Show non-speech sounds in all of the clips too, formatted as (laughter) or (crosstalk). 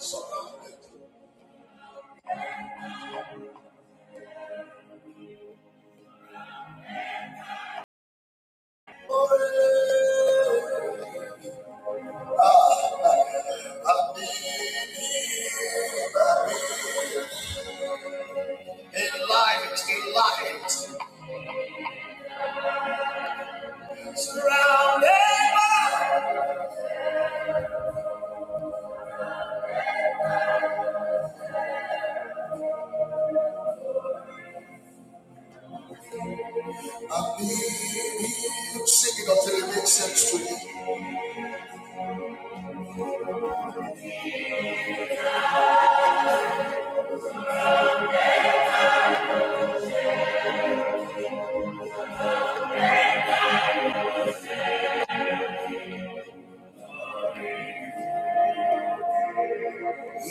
Surrounded light, in light. Surrounded by. I need you. until it makes sense to you.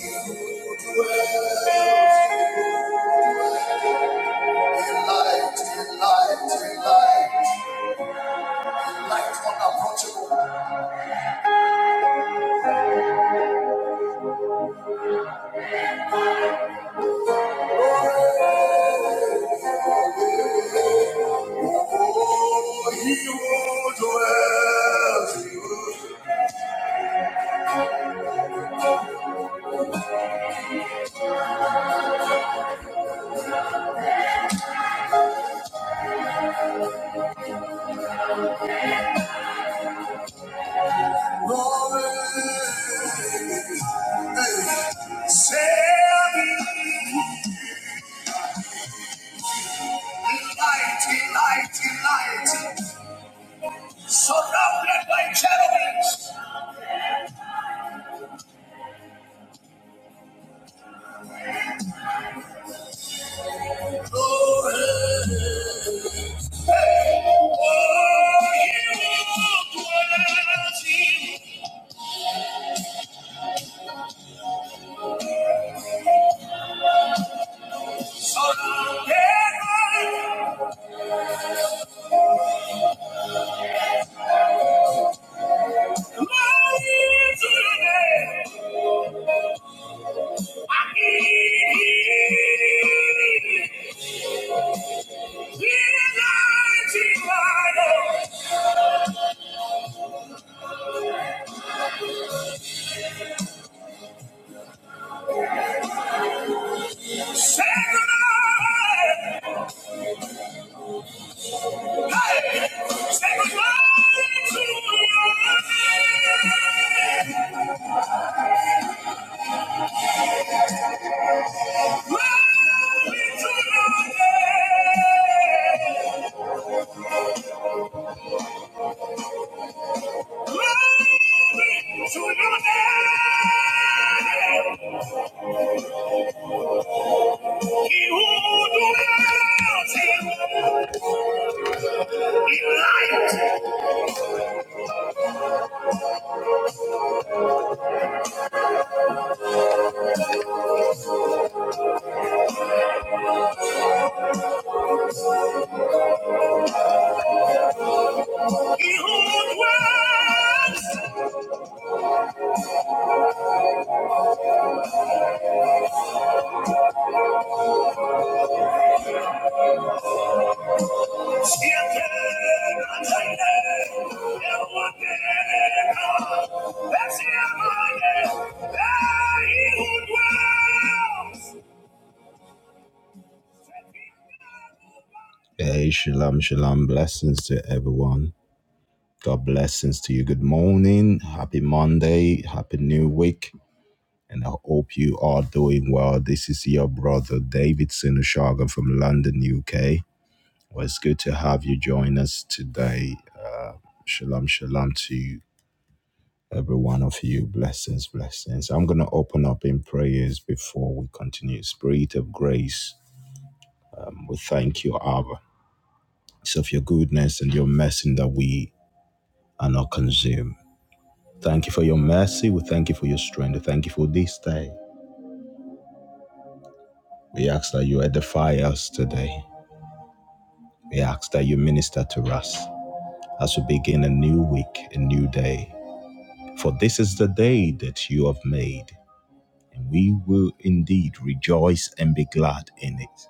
You dwell in light, in light, in light. light unapproachable. he who dwells in glory. Say, Mighty, mighty, mighty. Surrounded by cherubims. Oh, you dwells in- Surrounded by glory to your name. I need Mighty God. Say goodnight. Hey, say goodnight to your name. Hey, shalom, shalom. Blessings to everyone. God blessings to you. Good morning. Happy Monday. Happy New Week. and I hope you are doing well. This is your brother David Sinishagan from London, UK. Well, it's good to have you join us today. Uh, shalom, shalom to every one of you. Blessings, blessings. I'm going to open up in prayers before we continue. Spirit of grace, um, we thank you, Abba. It's of your goodness and your mercy that we are not consumed. Thank you for your mercy. We thank you for your strength. We thank you for this day. We ask that you edify us today. We ask that you minister to us as we begin a new week, a new day. For this is the day that you have made, and we will indeed rejoice and be glad in it.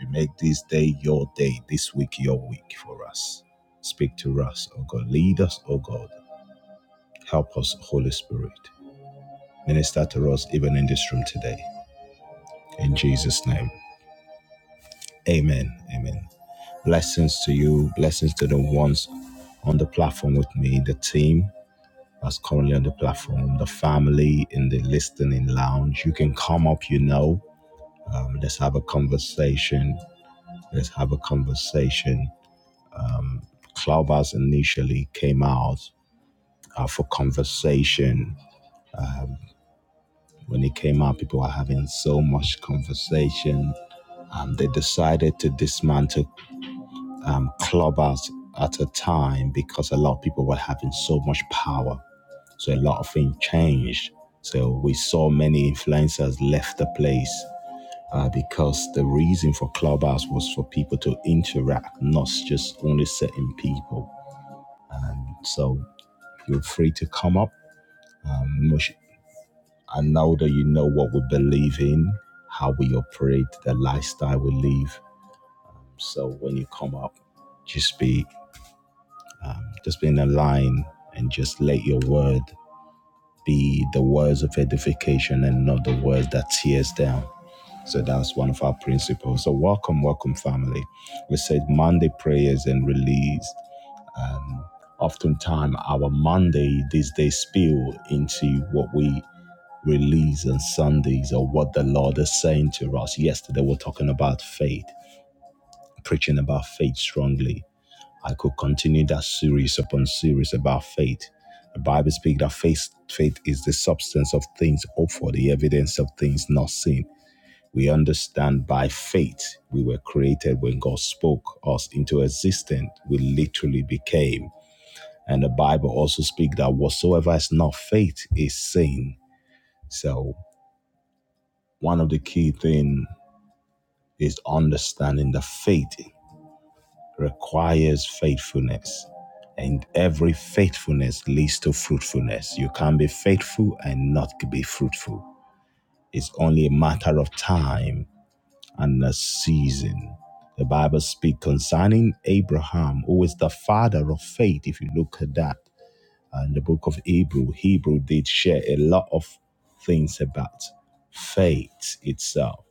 We make this day your day, this week your week for us. Speak to us, O God. Lead us, O God. Help us, Holy Spirit. Minister to us even in this room today. In Jesus' name. Amen. Amen. Blessings to you. Blessings to the ones on the platform with me, the team. that's currently on the platform, the family in the listening lounge. You can come up, you know. Um, let's have a conversation. Let's have a conversation. Clubhouse initially came out uh, for conversation. When it came out, people were having so much conversation. Um, they decided to dismantle um, Clubhouse at a time because a lot of people were having so much power. So a lot of things changed. So we saw many influencers left the place uh, because the reason for Clubhouse was for people to interact, not just only certain people. So feel free to come up. Um, much- I know that you know what we believe in, how we operate, the lifestyle we live. So when you come up, just be um, just be in a line and just let your word be the words of edification and not the words that tears down. So that's one of our principles. So welcome, welcome, family. We said Monday prayers and release. Um, oftentimes, our Monday these days spill into what we release on Sundays or what the Lord is saying to us. Yesterday, we're talking about faith, preaching about faith strongly. I could continue that series upon series about faith. The Bible speaks that faith, faith is the substance of things hoped for, the evidence of things not seen. We understand by faith we were created when God spoke us into existence. We literally became. And the Bible also speaks that whatsoever is not faith is sin. So one of the key things is understanding that faith requires faithfulness. And every faithfulness leads to fruitfulness. You can't be faithful and not be fruitful. It's only a matter of time and a season. The Bible speaks concerning Abraham, who is the father of faith. If you look at that uh, in the book of Hebrew, Hebrew did share a lot of things about faith itself.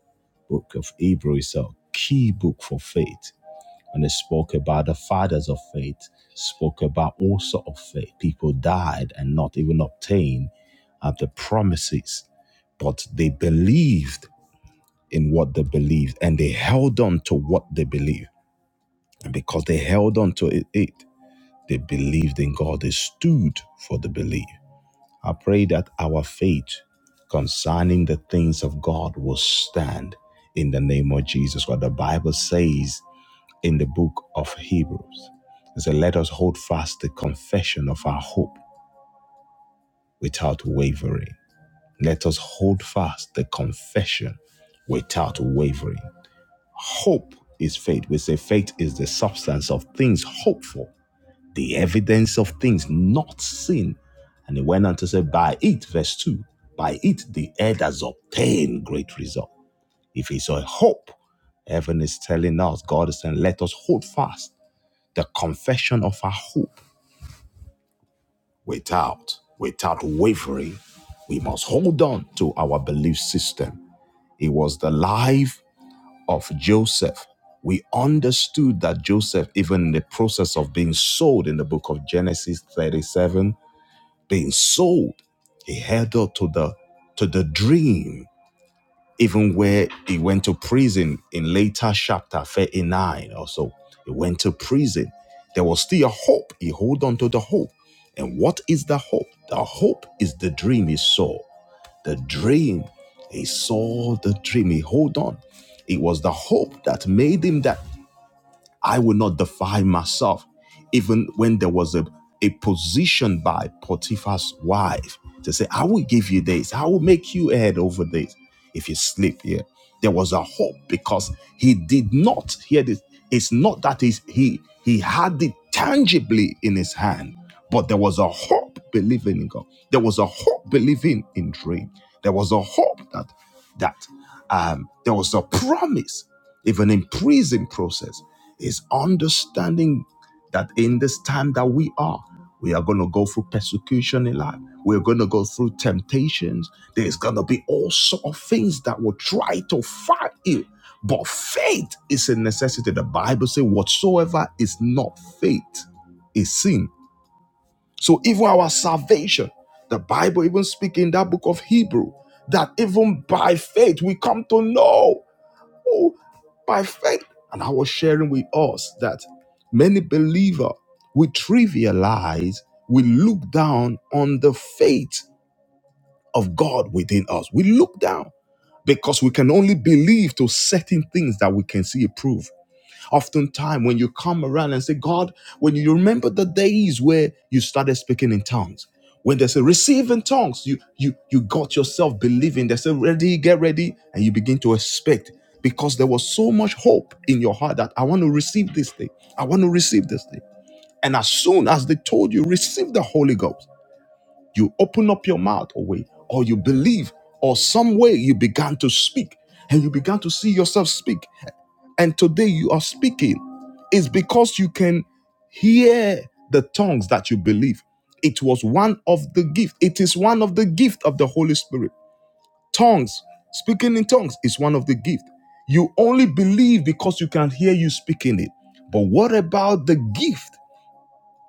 Book of Hebrew is a key book for faith, and it spoke about the fathers of faith, spoke about also of faith. People died and not even obtained of the promises, but they believed in what they believe and they held on to what they believe. And because they held on to it, it, they believed in God. They stood for the belief. I pray that our faith concerning the things of God will stand in the name of Jesus. What the Bible says in the book of Hebrews. It says, Let us hold fast the confession of our hope without wavering. Let us hold fast the confession without wavering. Hope is faith. We say faith is the substance of things hoped for, the evidence of things not seen. And he went on to say, By it, verse 2, by it the elders obtained great result. If it's a hope, heaven is telling us, God is saying, let us hold fast the confession of our hope without, without wavering. We must hold on to our belief system. It was the life of Joseph, we understood that Joseph, even in the process of being sold in the book of Genesis 37, being sold, he held up to the to the dream, even where he went to prison in later chapter 39 or so. He went to prison. There was still a hope. He hold on to the hope. And what is the hope? The hope is the dream he saw. The dream, he saw the dream, he hold on. It was the hope that made him that I will not defile myself. Even when there was a, a position by Potiphar's wife to say, I will give you this, I will make you head over this if you sleep here. Yeah. There was a hope because he did not hear this. It's not that he's, he he had it tangibly in his hand, but there was a hope believing in God. There was a hope believing in dream. There was a hope that that um, there was a promise even in prison process is understanding that in this time that we are we are going to go through persecution in life we're going to go through temptations there's going to be all sort of things that will try to fight you but faith is a necessity the bible says whatsoever is not faith is sin so even our salvation the bible even speak in that book of hebrew that even by faith we come to know Oh, by faith. And I was sharing with us that many believer we trivialize, we look down on the faith of God within us. We look down because we can only believe to certain things that we can see approved. Oftentimes, when you come around and say, God, when you remember the days where you started speaking in tongues, when there's a receiving tongues, you you you got yourself believing. They say, ready, get ready, and you begin to expect because there was so much hope in your heart that I want to receive this thing. I want to receive this thing. And as soon as they told you, receive the Holy Ghost, you open up your mouth away, or you believe, or some way you began to speak, and you began to see yourself speak and today you are speaking is because you can hear the tongues that you believe it was one of the gift it is one of the gift of the holy spirit tongues speaking in tongues is one of the gift you only believe because you can hear you speaking it but what about the gift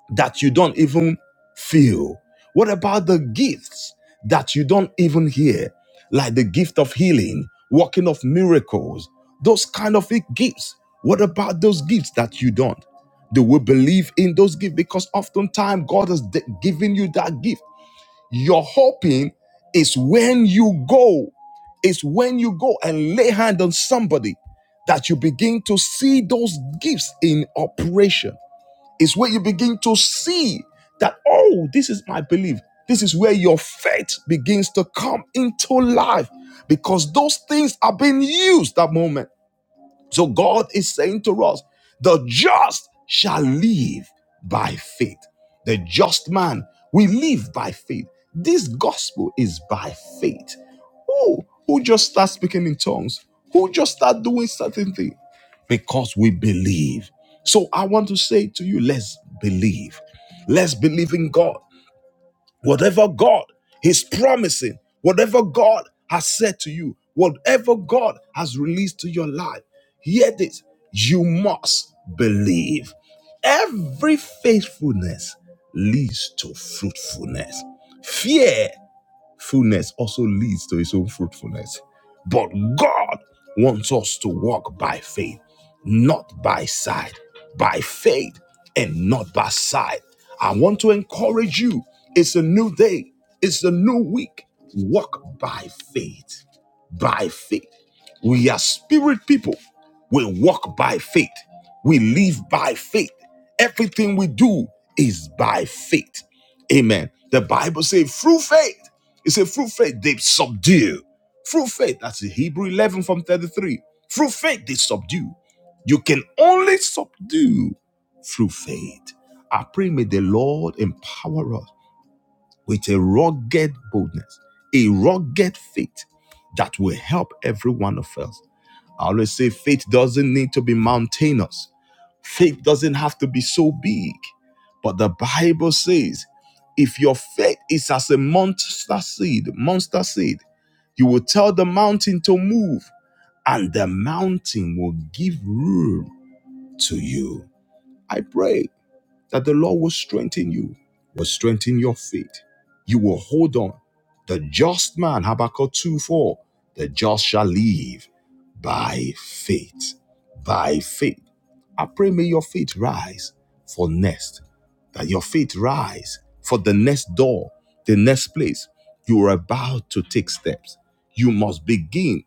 that you don't even feel? What about the gifts that you don't even hear, like the gift of healing, working of miracles, those kind of i- gifts? What about those gifts that you don't? Do we believe in those gifts? Because oftentimes God has d- given you that gift. Your hoping is when you go, is when you go and lay hand on somebody that you begin to see those gifts in operation is where you begin to see that, oh, this is my belief. This is where your faith begins to come into life because those things are being used that moment. So God is saying to us, the just shall live by faith. The just man will live by faith. This gospel is by faith. Who, who just start speaking in tongues? Who just start doing certain things? Because we believe. So I want to say to you, let's believe. Let's believe in God. Whatever God is promising, whatever God has said to you, whatever God has released to your life, hear this you must believe. Every faithfulness leads to fruitfulness. Fear Fruitfulness also leads to his own fruitfulness. But God wants us to walk by faith, not by sight, by faith and not by sight. I want to encourage you. It's a new day, it's a new week. Walk by faith, by faith. We are spirit people. We walk by faith. We live by faith. Everything we do is by faith. Amen. The Bible says, through faith. It's a through faith they subdue. Through faith, that's the Hebrew 11 from 33. Through faith they subdue. You can only subdue through faith. I pray may the Lord empower us with a rugged boldness, a rugged faith that will help every one of us I always say faith doesn't need to be mountainous. Faith doesn't have to be so big. But the Bible says, if your faith is as a monster seed, monster seed, you will tell the mountain to move, and the mountain will give room to you. I pray that the Lord will strengthen you, will strengthen your faith. You will hold on. The just man, Habakkuk 2 4, the just shall live by faith. By faith. I pray may your faith rise for next, that your faith rise for the next door, the next place you are about to take steps. You must begin,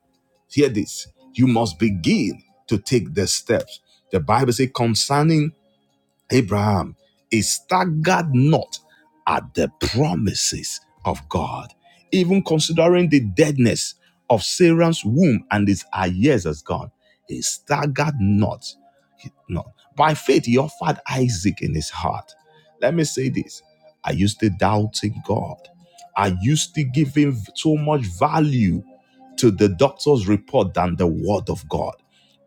hear this, you must begin to take the steps. The Bible says concerning Abraham, he staggered not at the promises of God, even considering the deadness of Sarah's womb and his years as gone. He staggered not. He- not. By faith, he offered Isaac in his heart. Let me say this Are you still doubting God? Are you still giving so much value to the doctor's report than the word of God?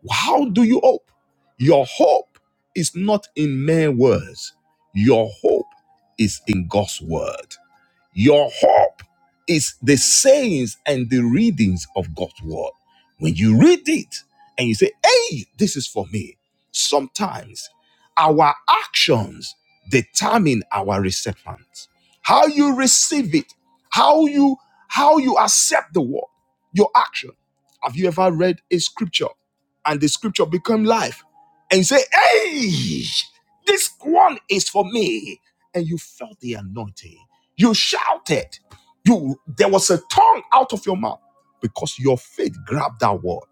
How do you hope? Your hope is not in mere words. Your hope is in God's word. Your hope is the sayings and the readings of God's word. When you read it and you say, hey, this is for me, sometimes our actions determine our receptance. How you receive it, how you how you accept the word, your action. Have you ever read a scripture and the scripture become life and you say, hey, this one is for me? And you felt the anointing you shouted. You there was a tongue out of your mouth because your faith grabbed that word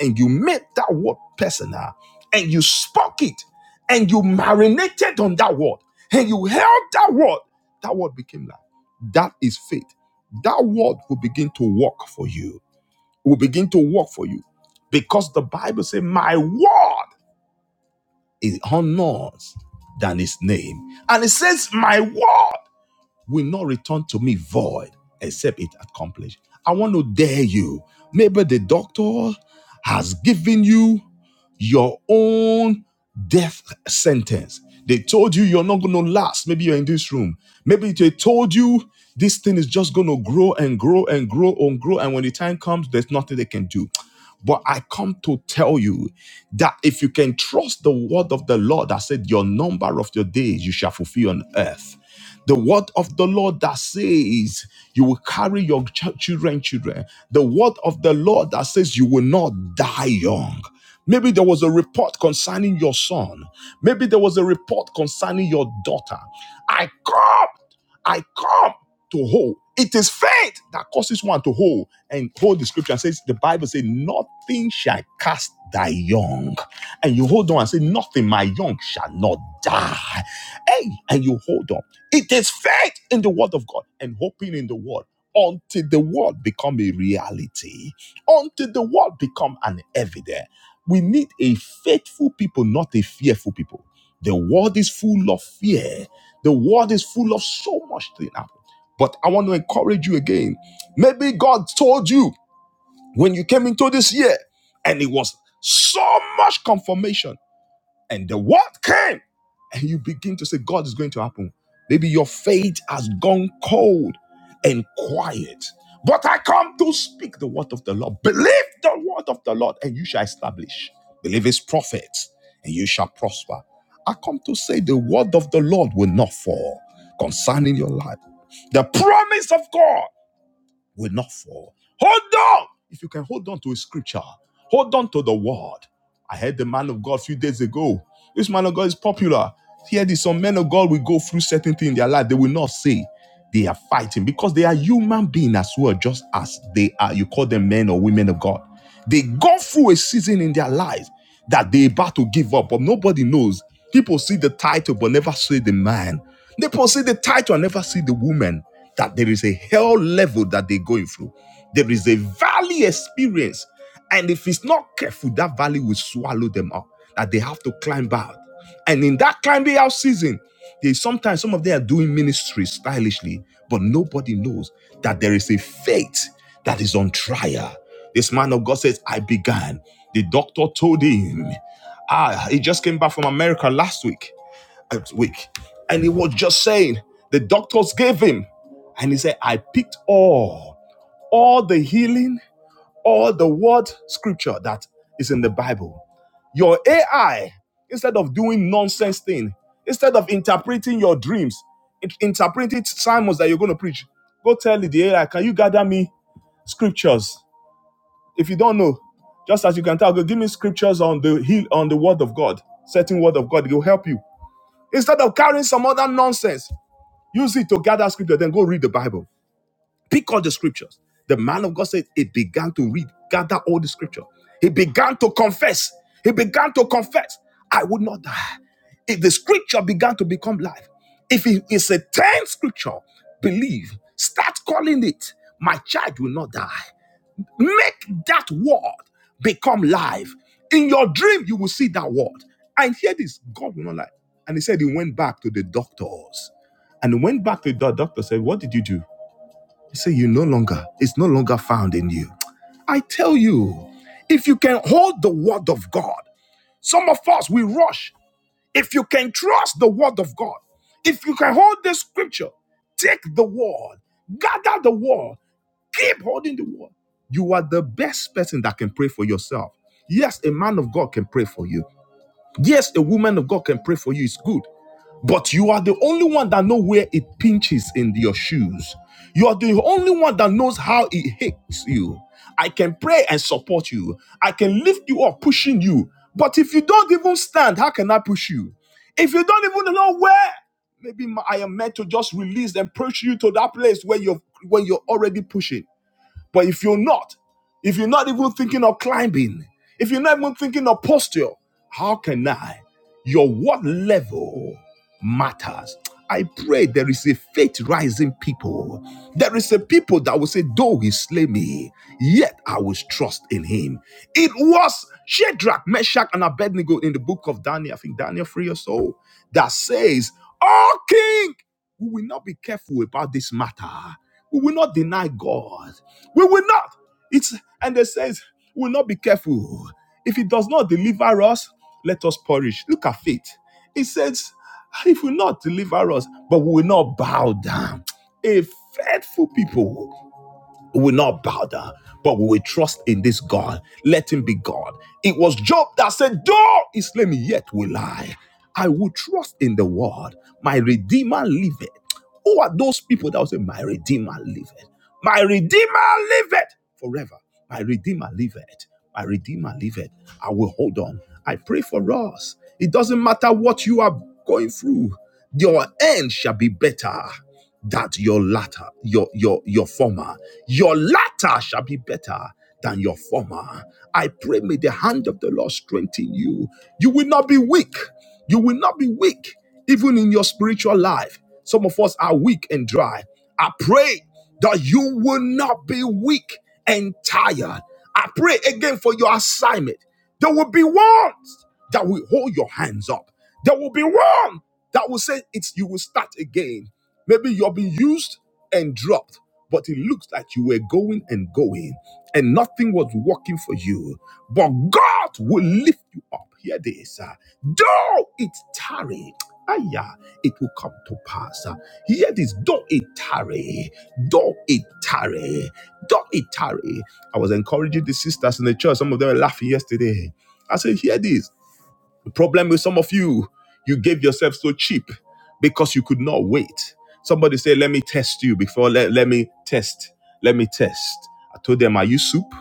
and you made that word personal and you spoke it and you marinated on that word and you held that word. That word became life. That is faith. That word will begin to work for you. Will begin to work for you because the Bible says, "My word is honors than His name," and it says, "My word." will not return to me void except it accomplished. I want to dare you. Maybe the doctor has given you your own death sentence. They told you you're not going to last. Maybe you're in this room. Maybe they told you this thing is just going to grow and grow and grow and grow. And when the time comes, there's nothing they can do. But I come to tell you that if you can trust the word of the Lord that said, Your number of your days you shall fulfill on earth. The word of the Lord that says you will carry your ch- children, children. The word of the Lord that says you will not die young. Maybe there was a report concerning your son. Maybe there was a report concerning your daughter. I come, I come to hold. It is faith that causes one to hold and hold the scripture and says the Bible says nothing shall cast thy young, and you hold on and say nothing my young shall not die. Hey, and you hold on. It is faith in the word of God and hoping in the word until the word become a reality, until the word become an evidence. We need a faithful people, not a fearful people. The world is full of fear. The world is full of so much thing. happen. But I want to encourage you again. Maybe God told you when you came into this year, and it was so much confirmation and the word came. And you begin to say, God is going to happen. Maybe your faith has gone cold and quiet. But I come to speak the word of the Lord. Believe the word of the Lord and you shall establish. Believe his prophets and you shall prosper. I come to say the word of the Lord will not fall concerning your life. The promise of God will not fall. Hold on. If you can hold on to a scripture, hold on to the word. I heard the man of God a few days ago. This man of God is popular. Here, there's some men of God will go through certain things in their life. They will not say they are fighting because they are human beings as well, just as they are. You call them men or women of God. They go through a season in their life that they about to give up, but nobody knows. People see the title but never see the man. People see the title and never see the woman. That there is a hell level that they're going through. There is a valley experience and if it's not careful, that valley will swallow them up, that they have to climb out. And in that climbing out season, they sometimes some of them are doing ministry stylishly, but nobody knows that there is a faith that is on trial. This man of God says, I began. The doctor told him, Ah, he just came back from America last week, uh, week, and he was just saying, the doctors gave him. And he said, I picked all, all the healing or the word scripture that is in the Bible. Your AI, instead of doing nonsense thing, instead of interpreting your dreams, it interpreting sermons that you're going to preach, go tell the AI, can you gather me scriptures? If you don't know, just as you can tell, go give me scriptures on the hill on the word of God, certain word of God, it will help you. Instead of carrying some other nonsense, use it to gather scripture, then go read the Bible Pick all the scriptures. The man of God said he began to read, gather all the scripture. He began to confess. He began to confess, I would not die. If the scripture began to become life, if it is a 10 scripture, believe, start calling it, my child will not die. Make that word become life. In your dream, you will see that word. And hear this God will not lie. And he said he went back to the doctors. And he went back to the doctor, said, What did you do? Say you no longer, it's no longer found in you. I tell you, if you can hold the word of God, some of us we rush. If you can trust the word of God, if you can hold the scripture, take the word, gather the word, keep holding the word. You are the best person that can pray for yourself. Yes, a man of God can pray for you. Yes, a woman of God can pray for you. It's good. But you are the only one that knows where it pinches in your shoes. You are the only one that knows how it hits you. I can pray and support you. I can lift you up, pushing you. But if you don't even stand, how can I push you? If you don't even know where, maybe I am meant to just release and push you to that place where you're where you're already pushing. But if you're not, if you're not even thinking of climbing, if you're not even thinking of posture, how can I? Your what level matters. I pray there is a faith rising people. There is a people that will say, Though he slay me, yet I will trust in him. It was Shadrach, Meshach, and Abednego in the book of Daniel, I think Daniel 3 or so, that says, Oh, king, we will not be careful about this matter. We will not deny God. We will not. It's and they says we will not be careful. If it does not deliver us, let us perish. Look at faith. It says, if we not deliver us, but we will not bow down. A faithful people. We will not bow down, but we will trust in this God. Let him be God. It was Job that said, Though he slay me, yet will I. I will trust in the word. My Redeemer liveth. Who are those people that will say, My Redeemer liveth? My Redeemer liveth forever. My Redeemer liveth. My Redeemer liveth. I will hold on. I pray for us. It doesn't matter what you are going through, your end shall be better that your latter, your your your former, your latter shall be better than your former. I pray may the hand of the Lord strengthen you. You will not be weak. You will not be weak, even in your spiritual life. Some of us are weak and dry. I pray that you will not be weak and tired. I pray again for your assignment. There will be ones that will hold your hands up. There will be one that will say it's you will start again. Maybe you've been used and dropped, but it looks like you were going and going and nothing was working for you. But God will lift you up. Hear this. uh, Though it tarry, aya, it will come to pass. Uh, Hear this. Though it tarry, though it tarry, though it tarry. I was encouraging the sisters in the church. Some of them were laughing yesterday. I said, hear this. The problem with some of you, you gave yourself so cheap because you could not wait. Somebody say, Let me test you before, let, let me test. Let me test. I told them, Are you soup?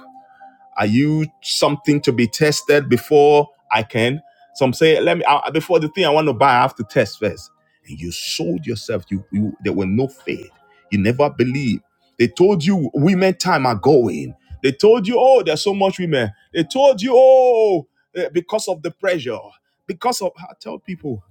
Are you something to be tested before I can? Some say, let me I, before the thing I want to buy, I have to test first. And you sold yourself. You, you there were no faith. You never believed. They told you women time are going. They told you, oh, there's so much women. They told you, oh, eh, because of the pressure. Because of I tell people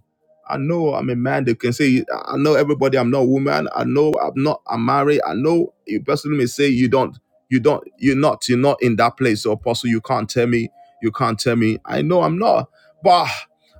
I know I'm a man that can say, I know everybody, I'm not a woman. I know I'm not, I'm married. I know a person may say, you don't, you don't, you're not, you're not in that place. So apostle, you can't tell me, you can't tell me. I know I'm not. But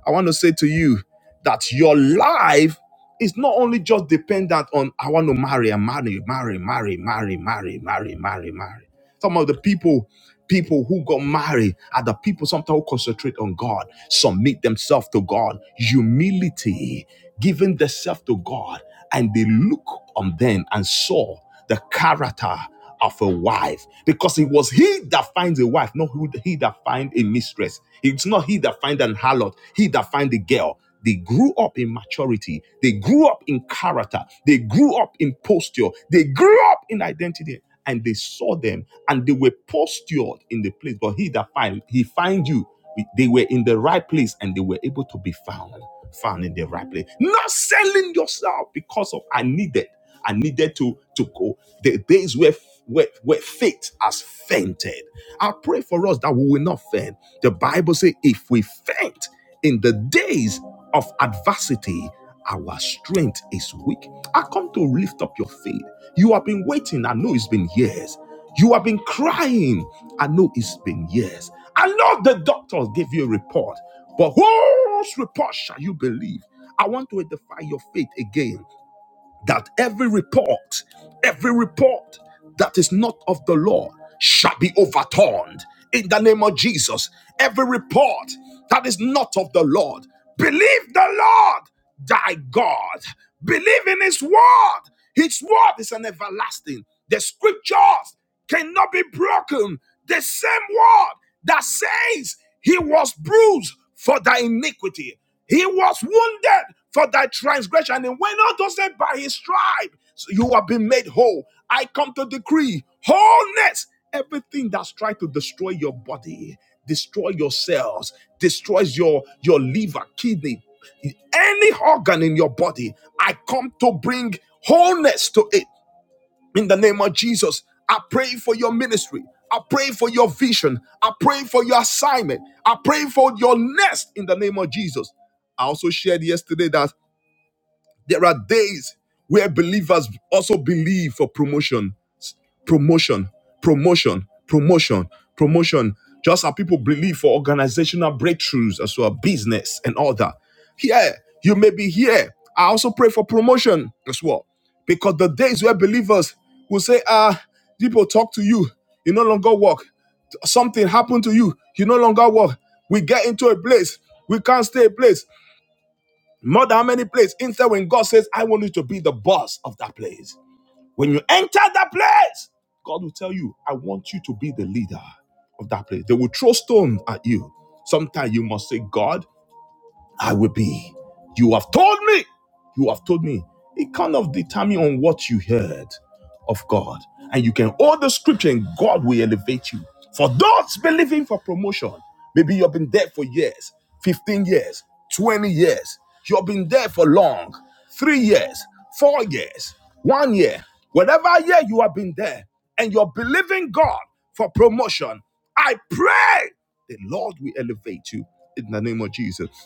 I want to say to you that your life is not only just dependent on, I want to marry, I marry, marry, marry, marry, marry, marry, marry, marry. Some of the people People who got married are the people sometimes who concentrate on God, submit themselves to God, humility, giving themselves to God, and they look on them and saw the character of a wife because it was he that finds a wife, not who, he that finds a mistress. It's not he that finds an harlot, he that finds a girl. They grew up in maturity. They grew up in character. They grew up in posture. They grew up in identity and they saw them and they were postured in the place. But he that find he find you, they were in the right place and they were able to be found, found in the right place. Not selling yourself because of I needed, I needed to to go. The days where where, where faith has fainted. I pray for us that we will not faint. The Bible says, if we faint in the days of adversity, our strength is weak. I come to lift up your faith. You have been waiting. I know it's been years. You have been crying. I know it's been years. I know the doctors gave you a report, but whose report shall you believe? I want to edify your faith again that every report, every report that is not of the law shall be overturned in the name of Jesus. Every report that is not of the Lord, believe the Lord thy God, believe in his word. His word is an everlasting. The scriptures cannot be broken. The same word that says he was bruised for thy iniquity, he was wounded for thy transgression. And when not to say by his stripe, you have been made whole. I come to decree wholeness. Everything that's tried to destroy your body, destroy your cells, destroys your, your liver, kidney, any organ in your body, I come to bring wholeness to it in the name of Jesus. I pray for your ministry. I pray for your vision. I pray for your assignment. I pray for your nest in the name of Jesus. I also shared yesterday that there are days where believers also believe for promotion promotion, promotion, promotion, promotion. Just how people believe for organizational breakthroughs as well, business and all that. Here, you may be here. I also pray for promotion as well. Because the days where believers will say, ah, people talk to you, you no longer walk. Something happened to you, you no longer walk. We get into a place, we can't stay a place. More than how many places. Instead, when God says, I want you to be the boss of that place. When you enter that place, God will tell you, I want you to be the leader of that place. They will throw stones at you. Sometimes you must say, God, I will be. You have told me. You have told me. It kind of determine on what you heard of God. And you can hold the scripture and God will elevate you. For those believing for promotion, maybe you've been there for years, 15 years, 20 years. You've been there for long, three years, four years, one year, whatever year you have been there, and you're believing God for promotion. I pray the Lord will elevate you in the name of Jesus.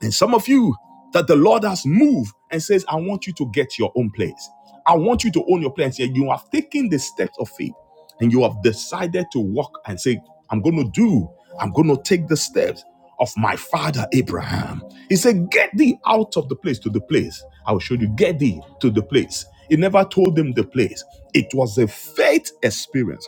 And some of you that the Lord has moved and says, I want you to get your own place. I want you to own your place. And you have taken the steps of faith and you have decided to walk and say, I'm going to do, I'm going to take the steps of my father Abraham. He said, Get thee out of the place to the place. I will show you, get thee to the place. He never told them the place. It was a faith experience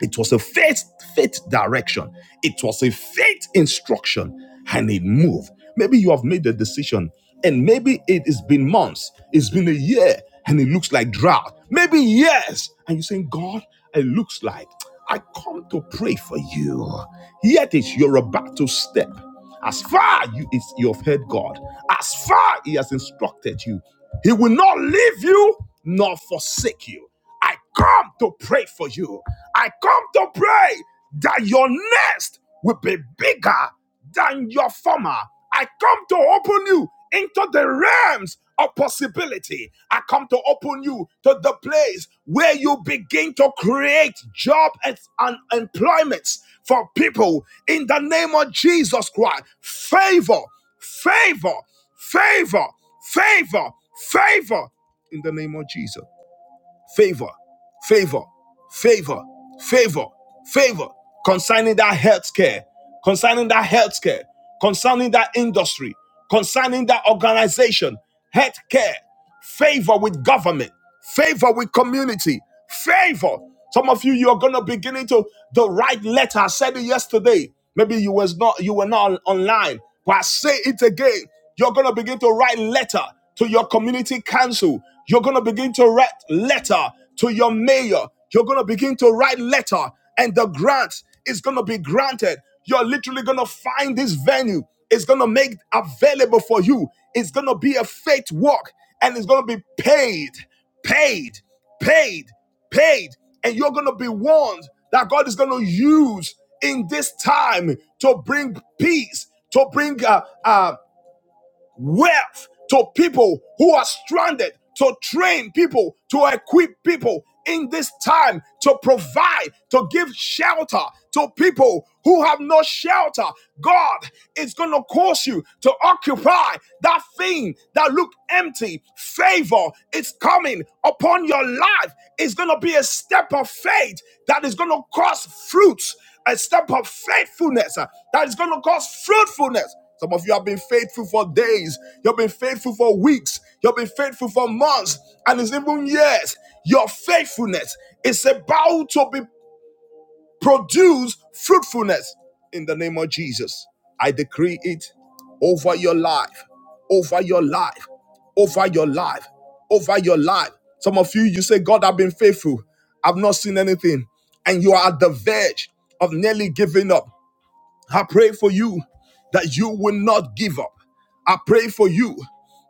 it was a faith, faith direction. It was a faith instruction and it moved. Maybe you have made the decision and maybe it has been months, it's been a year and it looks like drought. Maybe years. And you're saying, God, it looks like I come to pray for you. Yet it's you're about to step. As far you it's, you have heard God, as far He has instructed you, He will not leave you nor forsake you. I come to pray for you. I come to pray that your nest will be bigger than your former. I come to open you into the realms of possibility. I come to open you to the place where you begin to create job and, and employments for people in the name of Jesus Christ. Favor, favor, favor, favor, favor in the name of Jesus favor, favor, favor, favor, favor concerning that healthcare, concerning that healthcare, concerning that industry, concerning that organization, healthcare, favor with government, favor with community, favor. Some of you you're gonna beginning to the right letter. I said it yesterday. Maybe you was not you were not online, but I say it again. You're going to begin to write letter to your community council. You're going to begin to write letter to your mayor. You're going to begin to write letter and the grant is going to be granted. You're literally going to find this venue. It's going to make available for you. It's going to be a faith walk and it's going to be paid, paid, paid, paid. And you're going to be warned that God is going to use in this time to bring peace, to bring uh, uh, wealth to people who are stranded, to train people, to equip people in this time, to provide, to give shelter to people who have no shelter. God is going to cause you to occupy that thing that looked empty. Favor is coming upon your life. It's going to be a step of faith that is going to cause fruits, a step of faithfulness uh, that is going to cause fruitfulness. Some of you have been faithful for days. You've been faithful for weeks. You've been faithful for months. And it's even years. Your faithfulness is about to be produce fruitfulness in the name of Jesus. I decree it over your life, over your life, over your life, over your life. Some of you, you say, God, I've been faithful. I've not seen anything. And you are at the verge of nearly giving up. I pray for you that you will not give up. I pray for you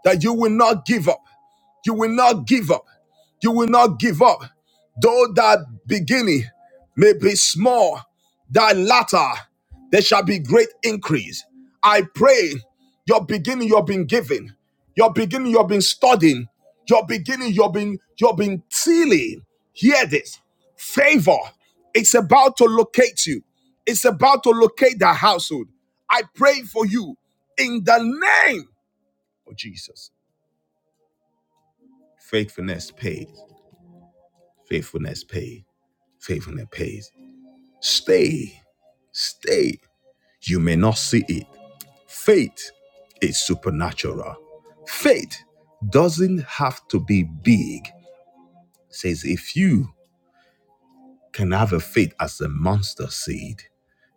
that you will not give up. You will not give up. You will not give up. Though that beginning may be small, thy latter there shall be great increase. I pray your beginning you've been given, your beginning you've been studying, your beginning you've been you've been tilling. Hear this. Favor, it's about to locate you. It's about to locate that household. I pray for you in the name of Jesus. Faithfulness pays. Faithfulness pays. Faithfulness pays. Stay. Stay. You may not see it. Faith is supernatural. Faith doesn't have to be big. It says if you can have a faith as a monster seed,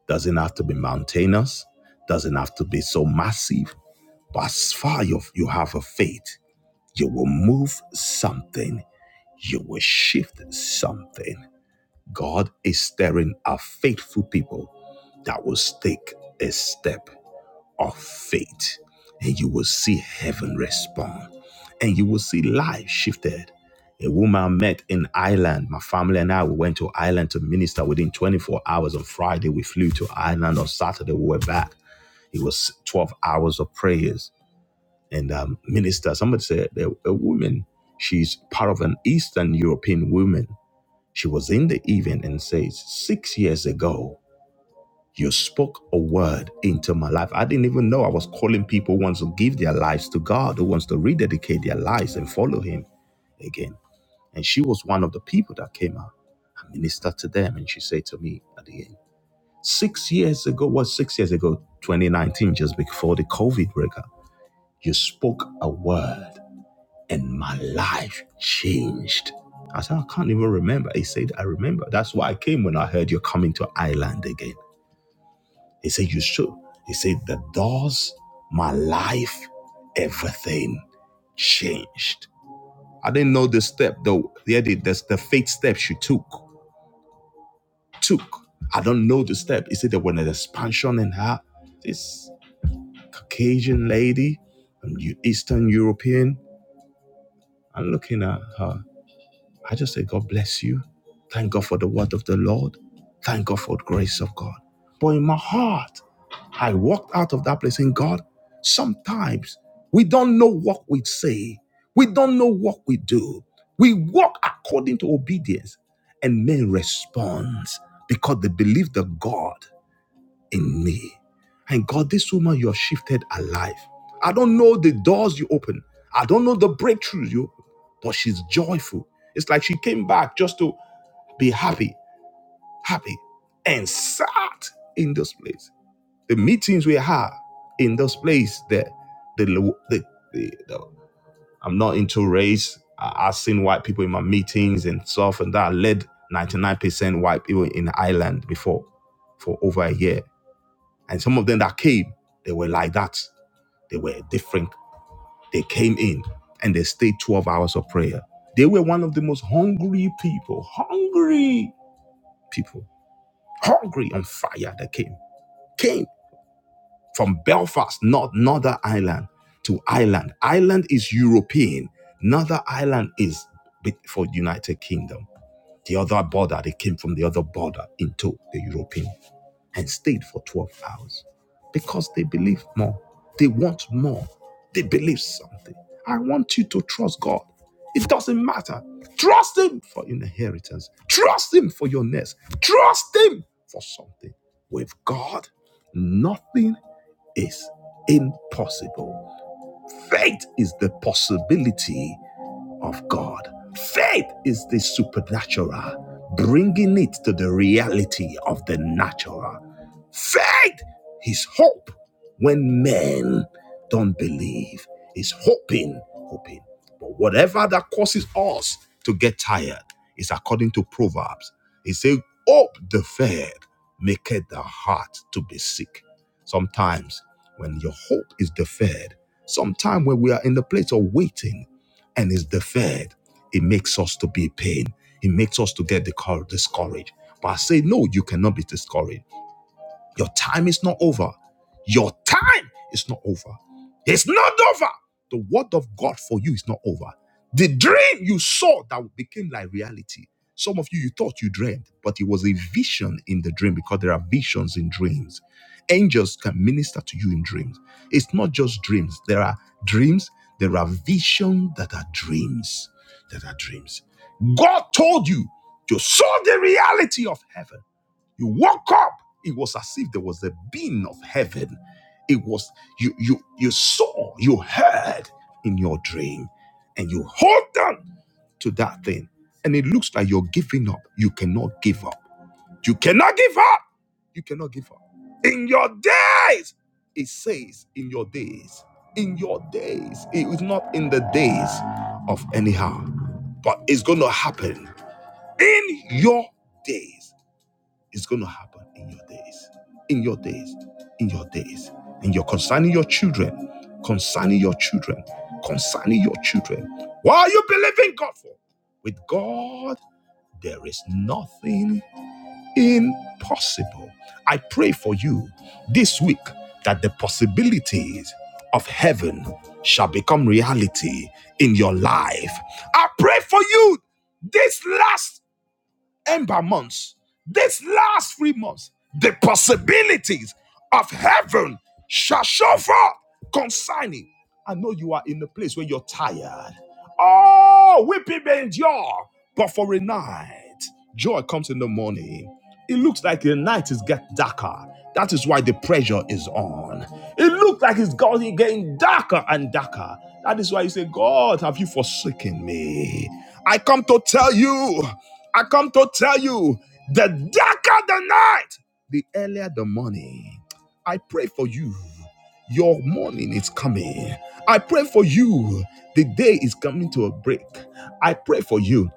Doesn't have to be mountainous, doesn't have to be so massive. But as far you, you have a faith, you will move something, you will shift something. God is stirring a faithful people that will take a step of faith, and you will see heaven respond, and you will see life shifted. A woman met in Ireland. My family and I we went to Ireland to minister within 24 hours. On Friday, we flew to Ireland. On Saturday, we were back. It was 12 hours of prayers and um, minister. Somebody said that a woman, she's part of an Eastern European woman. She was in the event and says, six years ago, you spoke a word into my life. I didn't even know I was calling people who wants to give their lives to God, who wants to rededicate their lives and follow Him again. And she was one of the people that came out. I ministered to them, and she said to me at the end, six years ago, what six years ago, 2019, just before the COVID breakup, you spoke a word, and my life changed. I said, I can't even remember. He said, I remember. That's why I came when I heard you're coming to Ireland again. He said, You should. He said, The doors, my life, everything changed. I didn't know the step, though. Yeah, the, the, the faith step she took. Took. I don't know the step. He said there was an expansion in her. This Caucasian lady, um, Eu- Eastern European. I'm looking at her. I just say, God bless you. Thank God for the word of the Lord. Thank God for the grace of God. But in my heart, I walked out of that place saying, God, sometimes we don't know what we say, we don't know what we do. We walk according to obedience, and men respond because they believe the God in me. And God, this woman, you have shifted her life. I don't know the doors you open. I don't know the breakthroughs you open, but she's joyful. It's like she came back just to be happy, happy, and sat in this place. The meetings we had in this place, the the the, the, the I'm not into race. I, I've seen white people in my meetings and stuff, and that I led 99% white people in Ireland before for over a year and some of them that came, they were like that. They were different. They came in and they stayed 12 hours of prayer. They were one of the most hungry people, hungry people, hungry on fire that came. Came from Belfast, not Northern Ireland to Ireland. Ireland is European. Northern Ireland is bit for United Kingdom. The other border, they came from the other border into the European and stayed for 12 hours because they believe more. They want more. They believe something. I want you to trust God. It doesn't matter. Trust Him for inheritance. Trust Him for your nest. Trust Him for something. With God, nothing is impossible. Faith is the possibility of God. Faith is the supernatural, bringing it to the reality of the natural. Faith is hope when men don't believe. It's hoping, hoping. But whatever that causes us to get tired is according to Proverbs. It says, Hope deferred maketh the heart to be sick. Sometimes when your hope is deferred, sometime when we are in the place of waiting and is deferred, it makes us to be in pain. It makes us to get discour- discouraged. But I say, no, you cannot be discouraged your time is not over. Your time is not over. It's not over. The word of God for you is not over. The dream you saw that became like reality. Some of you, you thought you dreamed, but it was a vision in the dream because there are visions in dreams. Angels can minister to you in dreams. It's not just dreams. There are dreams, there are visions that are dreams, that are dreams. God told you you saw the reality of heaven you woke up. It was as if there was a being of heaven. It was you you you saw, you heard in your dream, and you hold on to that thing. And it looks like you're giving up. You cannot give up. You cannot give up. You cannot give up. In your days, it says in your days. In your days. It is not in the days of anyhow, but it's gonna happen in your days. It's going to happen in your days, in your days, in your days, in your concerning your children, concerning your children, concerning your children. What are you believing God for? With God, there is nothing impossible. I pray for you this week that the possibilities of heaven shall become reality in your life. I pray for you this last ember months, this last three months, the possibilities of heaven shall show forth concerning. I know you are in the place where you're tired. Oh, weeping may endure, but for a night, joy comes in the morning. It looks like the night is getting darker. That is why the pressure is on. It looks like it's going getting darker and darker. That is why you say, God, have you forsaken me? I come to tell you. I come to tell you the darker the night, the earlier the morning. I pray for you. Your morning is coming. I pray for you. The day is coming to a break. I pray for you.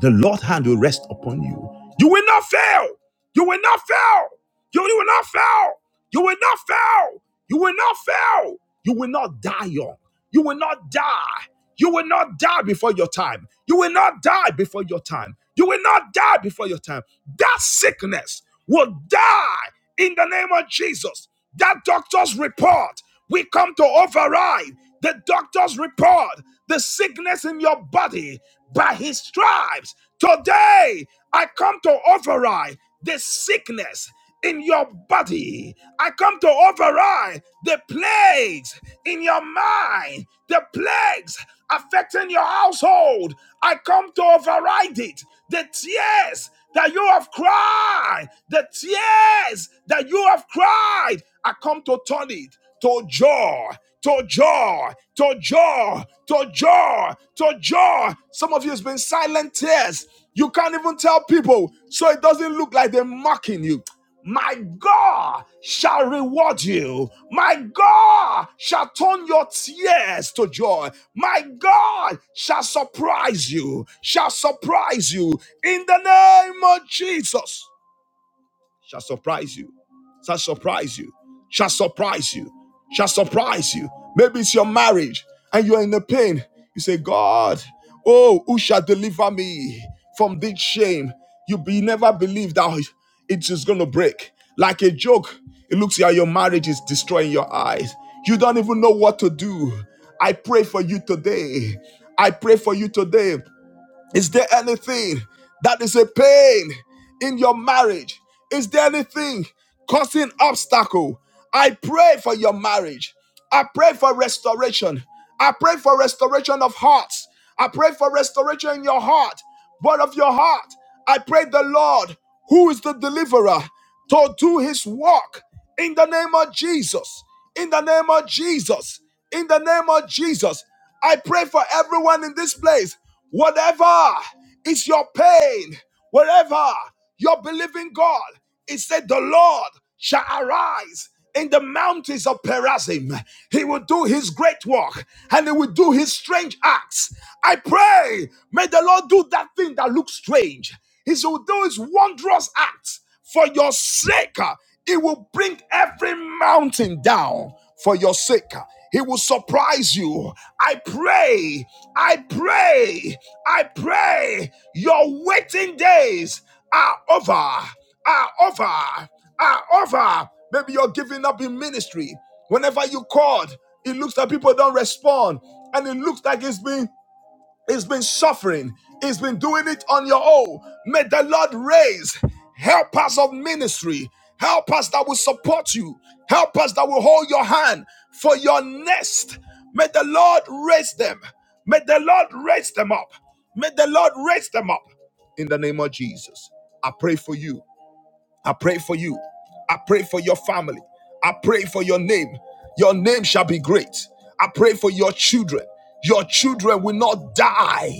The Lord's hand will rest upon you. You will not fail. You will not fail. You will not fail. You will not fail. You will not fail. You will not die young. You will not die. You will not die before your time. You will not die before your time. You will not die before your time. That sickness will die in the name of Jesus. That doctor's report, we come to override the doctor's report, the sickness in your body by his stripes. Today, I come to override the sickness in your body. I come to override the plagues in your mind, the plagues affecting your household. I come to override it. The tears that you have cried, the tears that you have cried, I come to turn it to joy, to joy, to joy, to joy, to joy. Some of you has been silent tears. You can't even tell people, so it doesn't look like they're mocking you. My God shall reward you. My God shall turn your tears to joy. My God shall surprise you, shall surprise you in the name of Jesus shall surprise you, shall surprise you, shall surprise you, shall surprise you. Maybe it's your marriage and you're in the pain. You say, God, oh, who shall deliver me from this shame? You be never believe that it is going to break. Like a joke, it looks like your marriage is destroying your eyes. You don't even know what to do. I pray for you today. I pray for you today is there anything that is a pain in your marriage? Is there anything causing obstacle? I pray for your marriage. I pray for restoration. I pray for restoration of hearts. I pray for restoration in your heart, but of your heart. I pray the Lord, who is the deliverer, to do his work in the name of Jesus. In the name of Jesus. In the name of Jesus. I pray for everyone in this place Whatever is your pain, wherever you're believing God, it said the Lord shall arise in the mountains of Perazim. He will do his great work and he will do his strange acts. I pray, may the Lord do that thing that looks strange. He will do his wondrous acts. For your sake, uh, he will bring every mountain down. For your sake, uh, he will surprise you. I pray, I pray, I pray. Your waiting days are over, are over, are over. Maybe you're giving up in ministry. Whenever you called, it looks like people don't respond, and it looks like it's been it's been suffering. It's been doing it on your own. May the Lord raise helpers of ministry. Help us that will support you. Help us that will hold your hand for your nest. May the Lord raise them. May the Lord raise them up. May the Lord raise them up in the name of Jesus. I pray for you. I pray for you. I pray for your family. I pray for your name. Your name shall be great. I pray for your children. Your children will not die.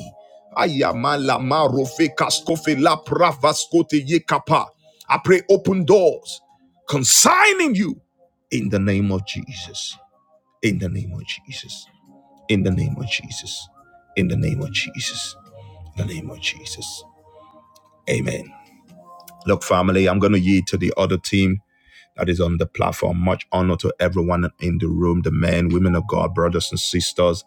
I pray open doors consigning you in the name of Jesus. In the name of Jesus. In the name of Jesus. In the name of Jesus. In the name of Jesus. Amen. Look, family, I'm going to yield to the other team that is on the platform. Much honor to everyone in the room, the men, women of God, brothers and sisters.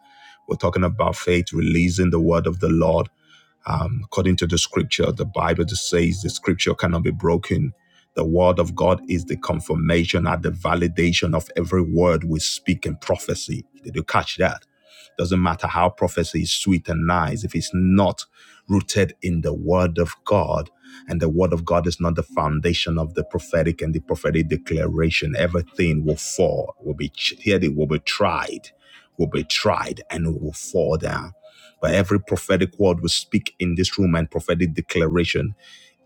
We're talking about faith, releasing the word of the Lord um, according to the scripture, the Bible just says the scripture cannot be broken. The word of God is the confirmation and the validation of every word we speak in prophecy. Did you catch that? Doesn't matter how prophecy is sweet and nice, if it's not rooted in the word of God, and the word of God is not the foundation of the prophetic and the prophetic declaration, everything will fall, will be ch- here, it will be tried, will be tried, and will fall down but every prophetic word we speak in this room and prophetic declaration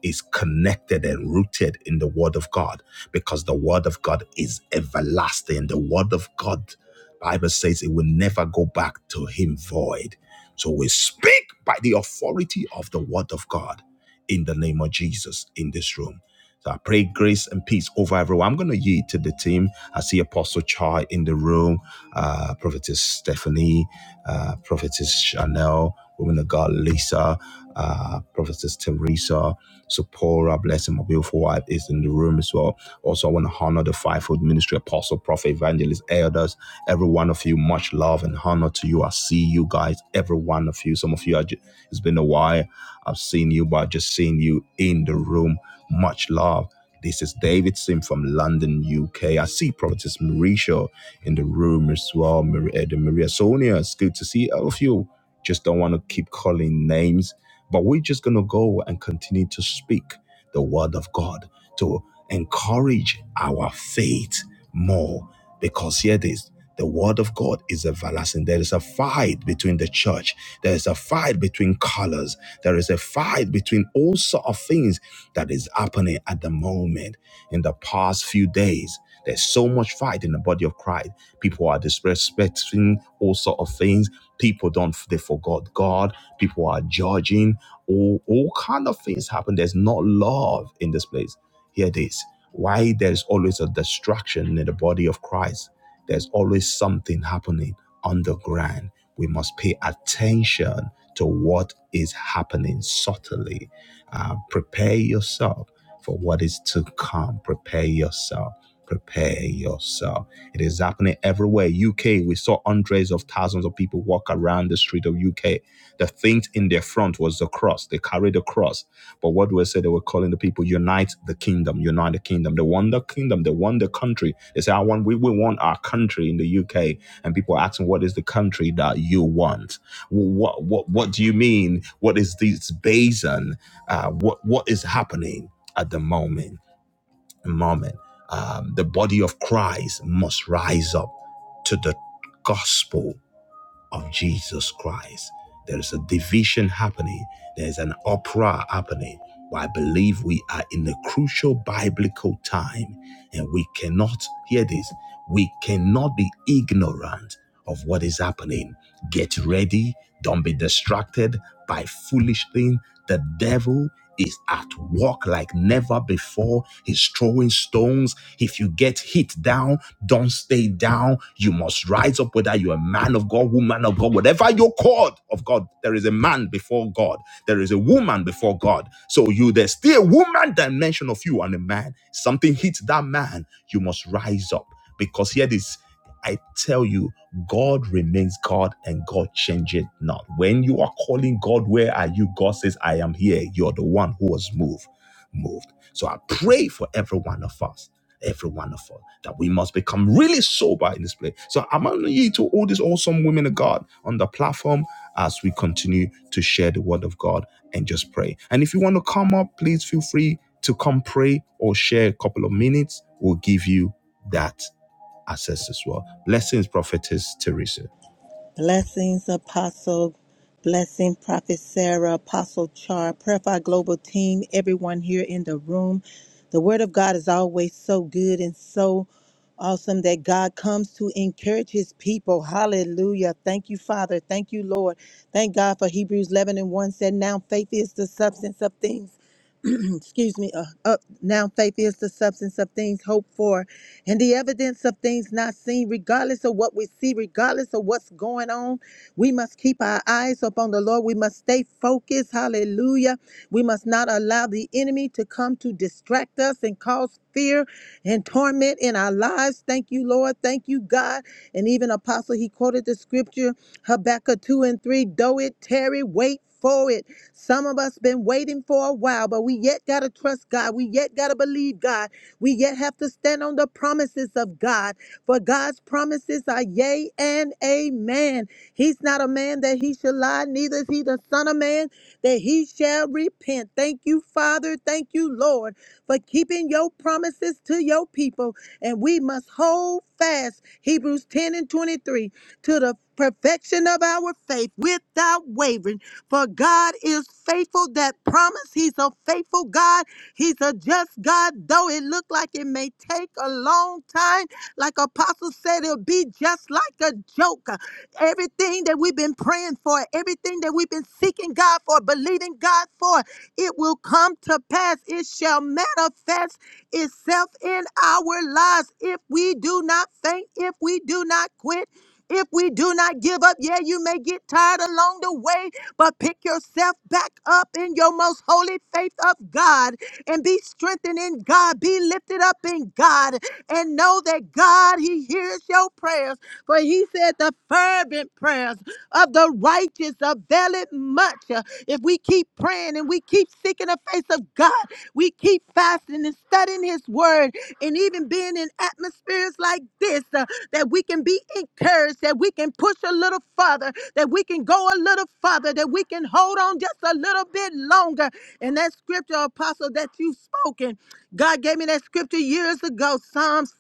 is connected and rooted in the Word of God because the Word of God is everlasting. The Word of God, Bible says, it will never go back to Him void. So we speak by the authority of the Word of God in the name of Jesus in this room. So I pray grace and peace over everyone. I'm going to yield to the team. I see Apostle Chai in the room, uh, Prophetess Stephanie, uh, Prophetess Chanel, Woman of God Lisa, uh, Prophetess Teresa. Sephora, blessing my beautiful wife, is in the room as well. Also, I want to honor the fivefold ministry apostle, prophet, evangelist, elders, every one of you. Much love and honor to you. I see you guys, every one of you. Some of you, are ju- it's been a while. I've seen you, but I've just seen you in the room. Much love. This is David Sim from London, UK. I see Prophetess Marisha in the room as well. Maria, Maria Sonia, it's good to see all of you. Just don't want to keep calling names. But we're just going to go and continue to speak the word of God to encourage our faith more. Because here it is the word of God is everlasting. There is a fight between the church, there is a fight between colors, there is a fight between all sort of things that is happening at the moment in the past few days. There's so much fight in the body of Christ. People are disrespecting all sort of things. People don't they forgot God. People are judging. All all kind of things happen. There's not love in this place. Here it is. Why there's always a distraction in the body of Christ. There's always something happening underground. We must pay attention to what is happening subtly. Uh, prepare yourself for what is to come. Prepare yourself. Prepare yourself it is happening everywhere. UK, we saw hundreds of thousands of people walk around the street of UK. The things in their front was the cross. They carried the cross. But what do I say? They were calling the people, unite the kingdom, unite the kingdom. They won the kingdom, they won the country. They say, I want, we, we want our country in the UK. And people are asking, what is the country that you want? What, what, what do you mean? What is this basin? Uh, what, what is happening at the moment? moment. Um, the body of Christ must rise up to the gospel of Jesus Christ. There is a division happening, there's an opera happening. But I believe we are in a crucial biblical time, and we cannot hear this. We cannot be ignorant of what is happening. Get ready, don't be distracted by foolish things. The devil is at work like never before. He's throwing stones. If you get hit down, don't stay down. You must rise up, whether you're a man of God, woman of God, whatever you're called of God. There is a man before God, there is a woman before God. So you there's still a woman dimension of you and a man. Something hits that man. You must rise up. Because here this, I tell you, God remains God and God changes not. When you are calling God, where are you? God says, I am here. You're the one who was moved. Moved. So I pray for every one of us every one of us, that we must become really sober in this place. So I'm on ye to all these awesome women of God on the platform as we continue to share the word of God and just pray. And if you want to come up, please feel free to come pray or share a couple of minutes. We'll give you that access as well. Blessings, prophetess Teresa. Blessings, Apostle. Blessing, Prophet Sarah, Apostle Char, Prayer Fire Global Team, everyone here in the room. The Word of God is always so good and so awesome that God comes to encourage His people. Hallelujah. Thank you, Father. Thank you, Lord. Thank God for Hebrews 11 and 1 said, Now faith is the substance of things. (clears throat) excuse me, uh, up now faith is the substance of things hoped for and the evidence of things not seen, regardless of what we see, regardless of what's going on. We must keep our eyes upon the Lord. We must stay focused. Hallelujah. We must not allow the enemy to come to distract us and cause fear and torment in our lives. Thank you, Lord. Thank you, God. And even Apostle, he quoted the scripture Habakkuk 2 and 3 Though it tarry, wait for it. Some of us been waiting for a while, but we yet got to trust God. We yet got to believe God. We yet have to stand on the promises of God. For God's promises are yea and amen. He's not a man that he shall lie, neither is he the son of man that he shall repent. Thank you, Father. Thank you, Lord, for keeping your promises to your people. And we must hold fast, Hebrews 10 and 23, to the perfection of our faith without wavering. For God is faithful. That promise, He's a faithful God. He's a just God, though it look like it may take a long time. Like Apostle said, it'll be just like a joke. Everything that we've been praying for, everything that we've been seeking God for, believing God for, it will come to pass. It shall manifest itself in our lives if we do not faint, if we do not quit. If we do not give up, yeah, you may get tired along the way, but pick yourself back up in your most holy faith of God and be strengthened in God. Be lifted up in God and know that God, He hears your prayers. For he said, The fervent prayers of the righteous availeth much. Uh, If we keep praying and we keep seeking the face of God, we keep fasting and studying his word, and even being in atmospheres like this, uh, that we can be encouraged, that we can push a little further, that we can go a little further, that we can hold on just a little bit longer. And that scripture, Apostle, that you've spoken, God gave me that scripture years ago, Psalms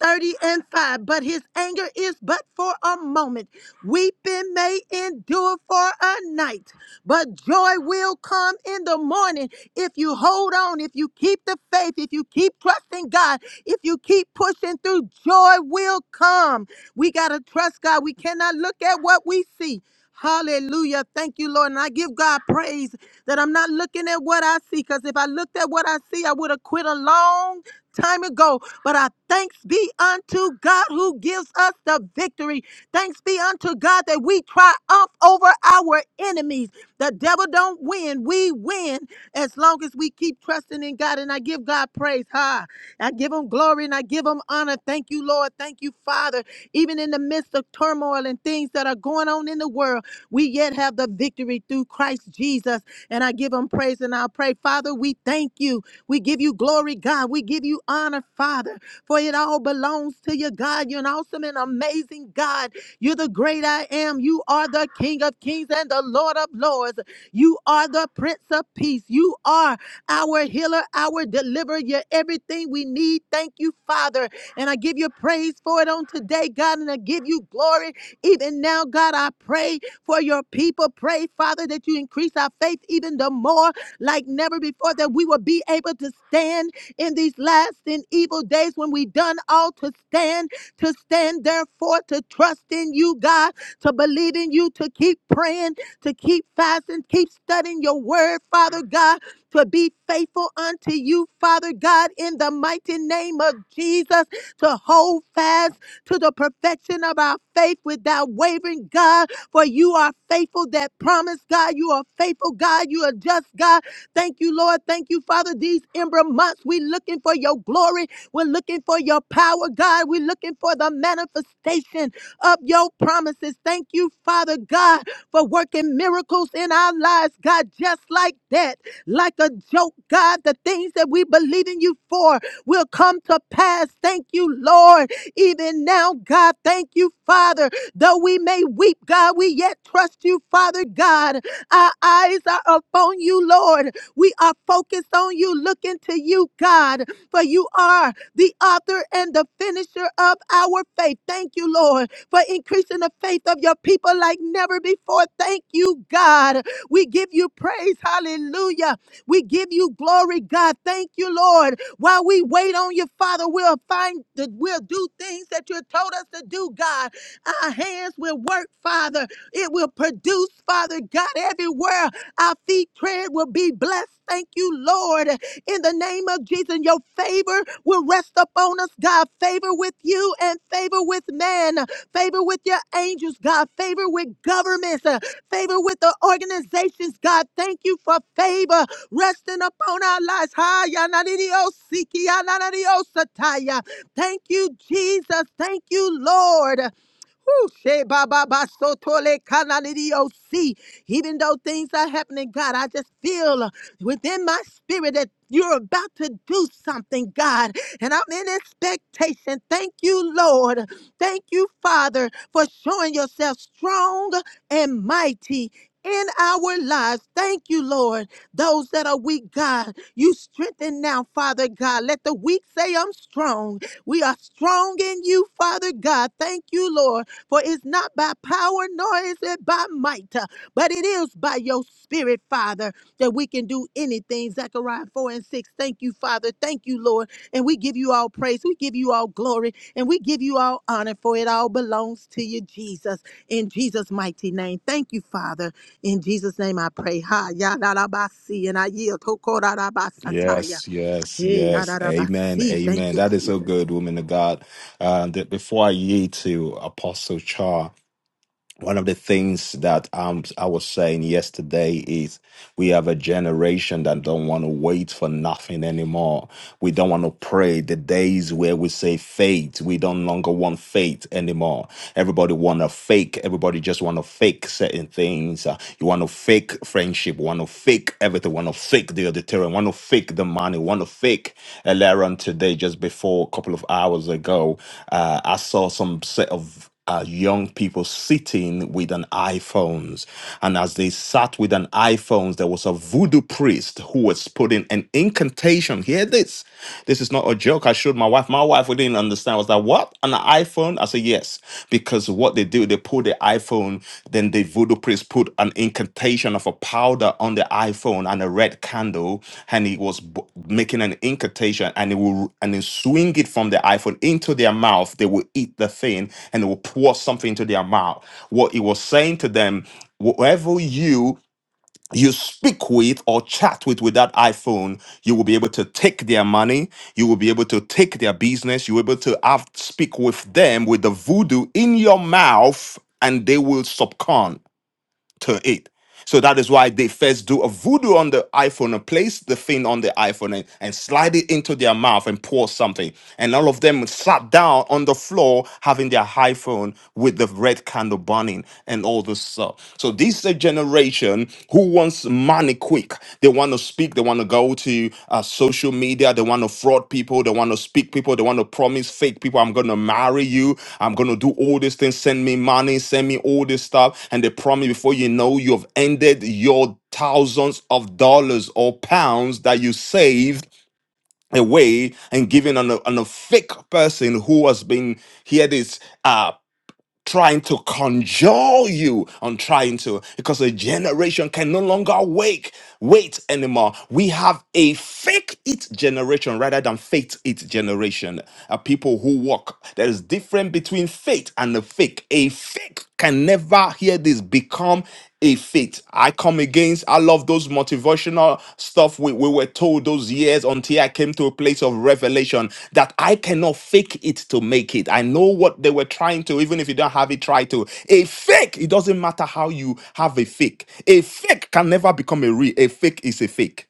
30 and 5. But his anger is but for a moment. Weeping may endure for a night, but joy will come in the morning if you hold on, if you keep the faith, if you keep trusting God, if you keep pushing through, joy will come. We got to trust God. We cannot look at what we see. Hallelujah. Thank you, Lord. And I give God praise that I'm not looking at what I see. Because if I looked at what I see, I would have quit a long time ago. But our thanks be unto God who gives us the victory. Thanks be unto God that we triumph over our enemies. The devil don't win. We win as long as we keep trusting in God. And I give God praise. Ha. I give him glory and I give him honor. Thank you, Lord. Thank you, Father. Even in the midst of turmoil and things that are going on in the world, we yet have the victory through Christ Jesus. And I give him praise and I'll pray. Father, we thank you. We give you glory, God. We give you honor, Father, for it all belongs to you, God. You're an awesome and amazing God. You're the great I am. You are the King of kings and the Lord of lords. You are the Prince of peace. You are our healer, our deliverer. You're everything we need. Thank you, Father. And I give you praise for it on today, God, and I give you glory. Even now, God, I pray for your people. Pray, Father, that you increase our faith even the more like never before, that we will be able to stand in these last and evil days when we done all to stand, to stand therefore, to trust in you, God, to believe in you, to keep praying, to keep fasting, keep studying your word, Father God, to be faithful unto you, Father God, in the mighty name of Jesus, to hold fast to the perfection of our faith without wavering, God, for you are faithful that promise, God. You are faithful, God. You are just, God. Thank you, Lord. Thank you, Father. These ember months, we are looking for your glory. We're looking for your power, God. We're looking for the manifestation of your promises. Thank you, Father God, for working miracles in our lives, God, just like that. Like a joke, God, the things that we believe in you for will come to pass. Thank you, Lord. Even now, God, thank you, Father. Though we may weep, God, we yet trust you, Father God. Our eyes are upon you, Lord. We are focused on you, looking to you, God, for you are the author and the finisher of our faith. Thank you, Lord, for increasing the faith of your people like never before. Thank you, God. We give you praise. Hallelujah. We give you glory, God. Thank you, Lord. While we wait on you, Father, we'll find that we'll do things that you told us to do, God. Our hands will work, Father. It will produce, Father God, everywhere. Our feet tread will be blessed. Thank you, Lord. In the name of Jesus, and your favor will rest upon us, God. Favor with you and favor with man. Favor with your angels, God. Favor with governments. uh, Favor with the organizations, God. Thank you for favor resting upon our lives. Ha, ya, na, di, di, oh, si, ki, ya, na, na, di, oh, sa, ta, ya. Thank you, Jesus. Thank you, Lord. Woo, she ba ba ba so tole kana ni di o si. Even though things are happening, God, I just feel uh, within my spirit that you're about to do something, God. And I'm in expectation. Thank you, Lord. Thank you, Father, for showing yourself strong and mighty. In our lives, thank you, Lord. Those that are weak, God, you strengthen now, Father God. Let the weak say, I'm strong. We are strong in you, Father God. Thank you, Lord for it's not by power, nor is it by might, uh, but it is by your spirit, Father, that we can do anything. Zechariah 4 and 6. Thank you, Father. Thank you, Lord. And we give you all praise. We give you all glory. And we give you all honor, for it all belongs to you, Jesus. In Jesus' mighty name. Thank you, Father. In Jesus' name I pray. Ha, ya, da, da, ba, si, and I yield. Ko, ko, da, da, ba, sa, ta, ya. Yes, yes, Hey, ya, yes. da, da, ba, Amen, si. Thank amen. you, That is so Jesus. good, woman of God. Uh, that before I yield to Apostle Char, one of the things that um, I was saying yesterday is we have a generation that don't want to wait for nothing anymore. We don't want to pray. The days where we say faith, we don't longer want faith anymore. Everybody want to fake. Everybody just want to fake certain things. Uh, you want to fake friendship. Want to fake everything. Want to fake the auditorium. Want to fake the money. Want to fake. And Later on today, just before a couple of hours ago, uh, I saw some set of uh, young people sitting with an iPhones. And as they sat with an iPhones, there was a voodoo priest who was putting an incantation. Hear this. This is not a joke. I showed my wife. My wife didn't understand. I was like, what? An iPhone? I said, yes. Because what they do, they put the iPhone. Then the voodoo priest put an incantation of a powder on the iPhone and a red candle, and he was b- making an incantation, and he will and he swing it from the iPhone into their mouth. They will eat the thing, and it will pour something into their mouth. What he was saying to them. Whoever you you speak with or chat with with that iPhone, you will be able to take their money, you will be able to take their business, you will be able to have, speak with them with the voodoo in your mouth, and they will subcon to it. So that is why they first do a voodoo on the iPhone and place the thing on the iPhone and, and slide it into their mouth and pour something. And all of them sat down on the floor having their iPhone with the red candle burning and all this stuff. So this is a generation who wants money quick they want to speak. They want to go to uh, social media. They want to fraud people. They want to speak people. They want to promise fake people, I'm going to marry you. I'm going to do all these things. Send me money. Send me all this stuff. And they promise before you know, you have ended your thousands of dollars or pounds that you saved away and given on a, on a fake person who has been, here this, trying to conjure you on trying to because a generation can no longer wake wait anymore we have a fake it generation rather than faith it generation uh, people who walk there is difference between faith and a fake a fake can never hear this become stay fit. I come against, I love those motivational stuff we, we were told those years until I came to a place of revelation that I cannot fake it to make it. I know what they were trying to, even if you don't have it, try to. A fake, it doesn't matter how you have a fake. A fake can never become a real. A fake is a fake.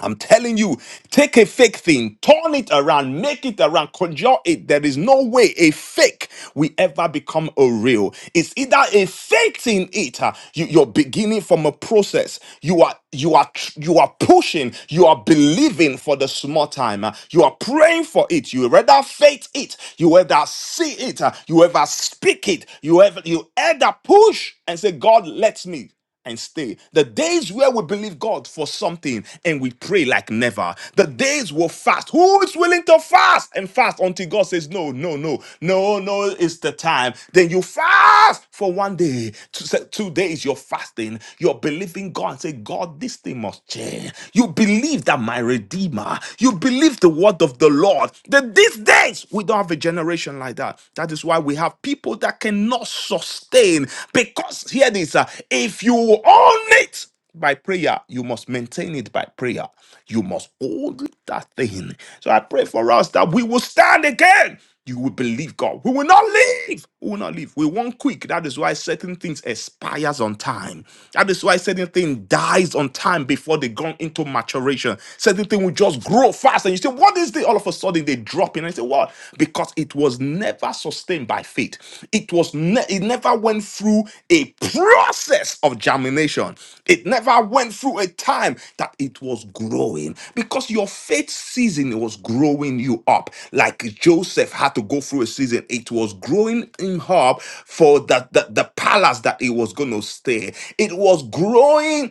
I'm telling you, take a fake thing, turn it around, make it around, conjure it. There is no way a fake will ever become a real. It's either a fake thing, it uh, you, you're beginning from a process. You are you are tr- you are pushing, you are believing for the small time. uh, you are praying for it. You rather faith it, you rather see it, uh, you ever speak it, you ever you ever push and say, God, let me and stay. The days where we believe God for something and we pray like never. The days will fast. Who is willing to fast and fast until God says, No, no, no, no, no, it's the time. Then you fast for one day, two, se- two days, you're fasting. You're believing God and say, God, this thing must change. You believe that my Redeemer, you believe the word of the Lord. That these days, we don't have a generation like that. That is why we have people that cannot sustain because here this uh, if you own it by prayer you must maintain it by prayer you must hold that thing so i pray for us that we will stand again you will believe god we will not leave we will not leave we want quick that is why certain things expires on time that is why certain thing dies on time before they gone into maturation certain thing will just grow fast and you something. You say, what is this? All of a sudden they drop in. I say, what? Because it was never sustained by faith. It was ne- it never went through a process of germination. It never went through a time that it was growing. Because your faith season was growing you up. Like Joseph had to go through a season, it was growing him up for the, the, the palace that he was gonna stay. It was growing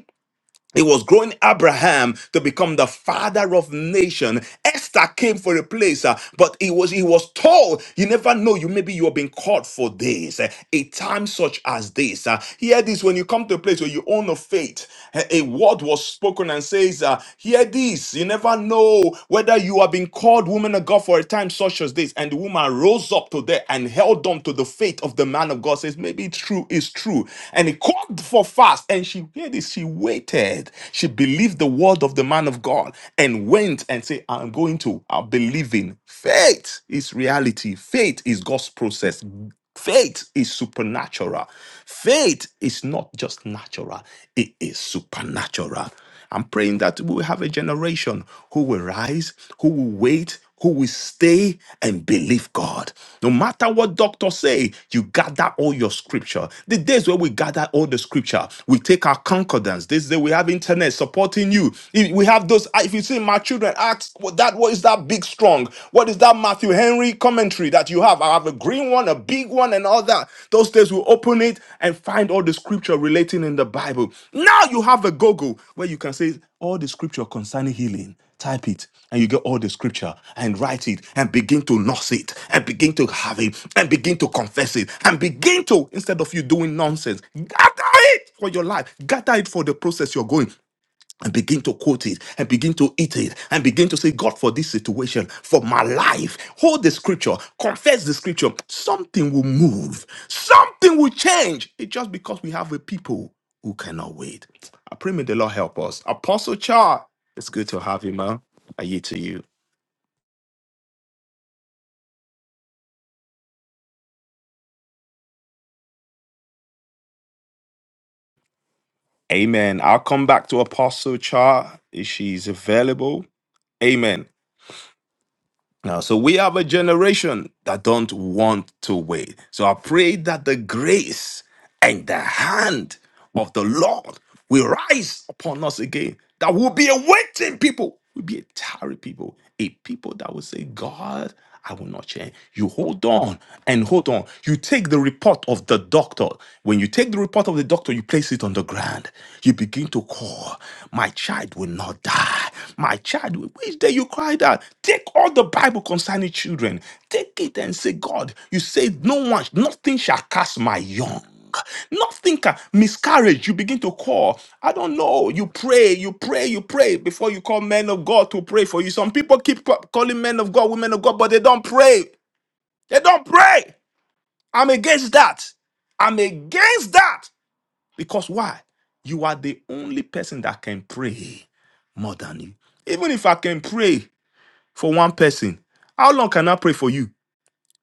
it was growing Abraham to become the father of nation. Esther came for a place, uh, but he was he was told, "You never know. You maybe you have been called for this. uh, a time such as this." Uh, hear this: when you come to a place where you own a faith, a a word was spoken and says, uh, "Hear this. You never know whether you have been called woman of God for a time such as this." And the woman rose up to there and held on to the faith of the man of God. Says, "Maybe it's true. It's true." And he called for fast, and she hear this. She waited word. She believed the word of the man of God and went and said, I'm going to, I believe in faith is reality. Faith is God's process. Faith is supernatural. Faith is not just natural, it is supernatural. I'm praying that we will have a generation who will rise, who will wait, who will stay and believe God. No matter what doctors say, you gather all your scripture. The days where we gather all the scripture, we take our concordance. This day we have internet supporting you. If We have those. ah, If you see my children, ask what that what is that big strong? What is that Matthew Henry commentary that you have? I'll have a green one, a big one, and all that. Those days we'll open it and find all the scripture relating in the Bible. Now you have a Google where you can say all the scripture concerning healing. Type it and you get all the scripture and write it and begin to nurse it and begin to have it and begin to confess it and begin to, instead of you doing nonsense, gather it for your life, gather it for the process you're going and begin to quote it and begin to eat it and begin to say, God, for this situation, for my life, hold the scripture, confess the scripture, something will move, something will change. It's just because we have a people who cannot wait. I pray may the Lord help us. Apostle Char, it's good to have you, man. I yield to you. Amen. I'll come back to Apostle Char if she's available. Amen. Now, so we have a generation that don't want to wait. So I pray that the grace and the hand of the Lord will rise upon us again. That will be a waiting people, will be a tired people, a people that will say, God, I will not change. You hold on and hold on. You take the report of the doctor. When you take the report of the doctor, you place it on the ground. You begin to call, My child will not die. My child, will-" which day you cried out? Take all the Bible concerning children, take it and say, God, you say, No one, nothing shall cast my young. Nothing can miscarriage. You begin to call. I don't know. You pray, you pray, you pray before you call men of God to pray for you. Some people keep ca- calling men of God, women of God, but they don't pray. They don't pray. I'm against that. I'm against that. Because why? You are the only person that can pray more than you. Even if I can pray for one person, how long can I pray for you?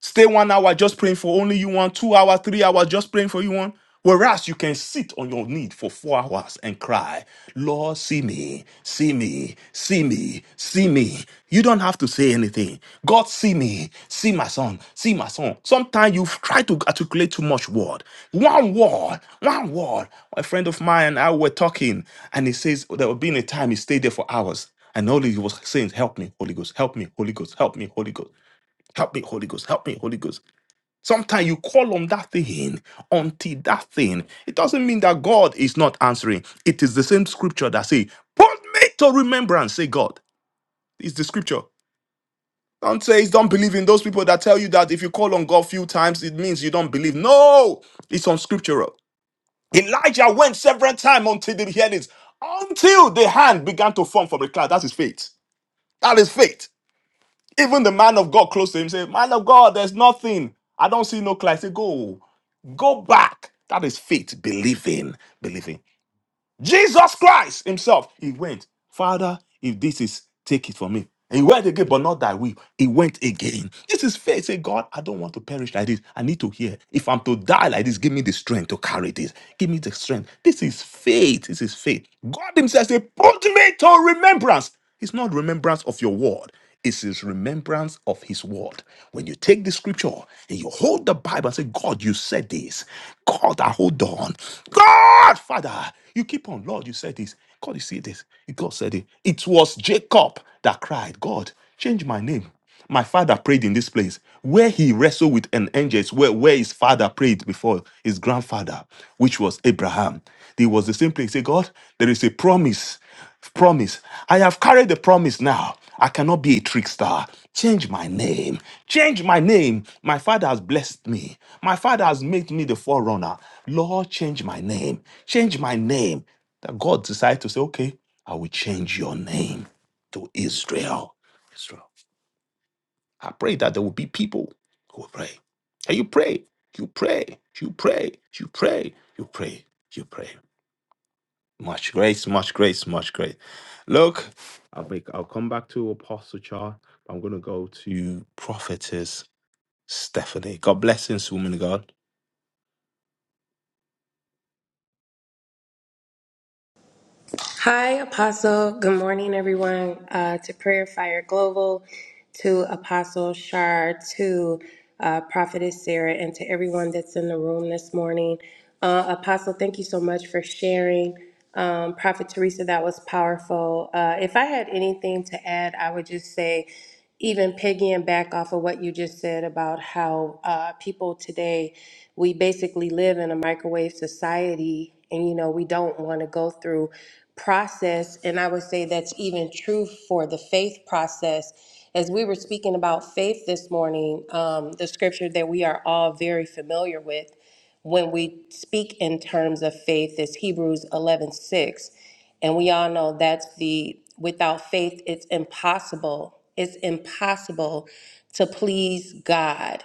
Stay one hour just praying for only you one, two hours, three hours just praying for you one. Whereas you can sit on your knee for four hours and cry, Lord, see me, see me, see me, see me. You don't have to say anything. God, see me, see my son, see my son. Sometimes you try to articulate too much word. One word, one word. A friend of mine and I were talking, and he says there would be a time he stayed there for hours. And all he was saying, is, Help me, Holy Ghost, help me, Holy Ghost, help me, Holy Ghost. Help me, Holy Ghost. Help me, Holy Ghost. Sometimes you call on that thing until that thing. It doesn't mean that God is not answering. It is the same scripture that say, "Put me to remembrance," say God. It's the scripture. Don't say don't believe in those people that tell you that if you call on God few times, it means you don't believe. No, it's unscriptural. Elijah went several times until the healings, until the hand began to form from the cloud. That is faith. That is faith. Even the man of God close to him said, Man of God, there's nothing. I don't see no Christ. He said, Go, go back. That is faith, believing, believing. Jesus Christ himself, he went, Father, if this is, take it from me. And he went again, but not that will. He went again. This is faith. Say, God, I don't want to perish like this. I need to hear. If I'm to die like this, give me the strength to carry this. Give me the strength. This is faith. This is faith. God Himself said, Put me to remembrance. It's not remembrance of your word. It's his remembrance of his word. When you take the scripture and you hold the Bible and say, God, you said this. God, I hold on. God, Father, you keep on. Lord, you said this. God, you see this. God said it. It was Jacob that cried, God, change my name. My father prayed in this place where he wrestled with an angel, is where, where his father prayed before his grandfather, which was Abraham. It was the same place. Say, God, there is a promise promise. I have carried the promise now. I cannot be a trickster. Change my name. Change my name. My father has blessed me. My father has made me the forerunner. Lord, change my name. Change my name. That God decided to say, okay, I will change your name to Israel. Israel. I pray that there will be people who will pray. And you pray, you pray, you pray, you pray, you pray, you pray. Much grace, much grace, much grace. Look, I'll make I'll come back to Apostle Char. I'm gonna go to Prophetess Stephanie. God blessings, woman of God. Hi, Apostle. Good morning, everyone. Uh, to Prayer Fire Global, to Apostle Shar, to uh, Prophetess Sarah, and to everyone that's in the room this morning. Uh, Apostle, thank you so much for sharing. Um, Prophet Teresa, that was powerful. Uh, if I had anything to add, I would just say even piggying back off of what you just said about how uh, people today, we basically live in a microwave society and, you know, we don't want to go through process. And I would say that's even true for the faith process. As we were speaking about faith this morning, um, the scripture that we are all very familiar with when we speak in terms of faith is Hebrews 11 6. And we all know that's the without faith, it's impossible. It's impossible to please God.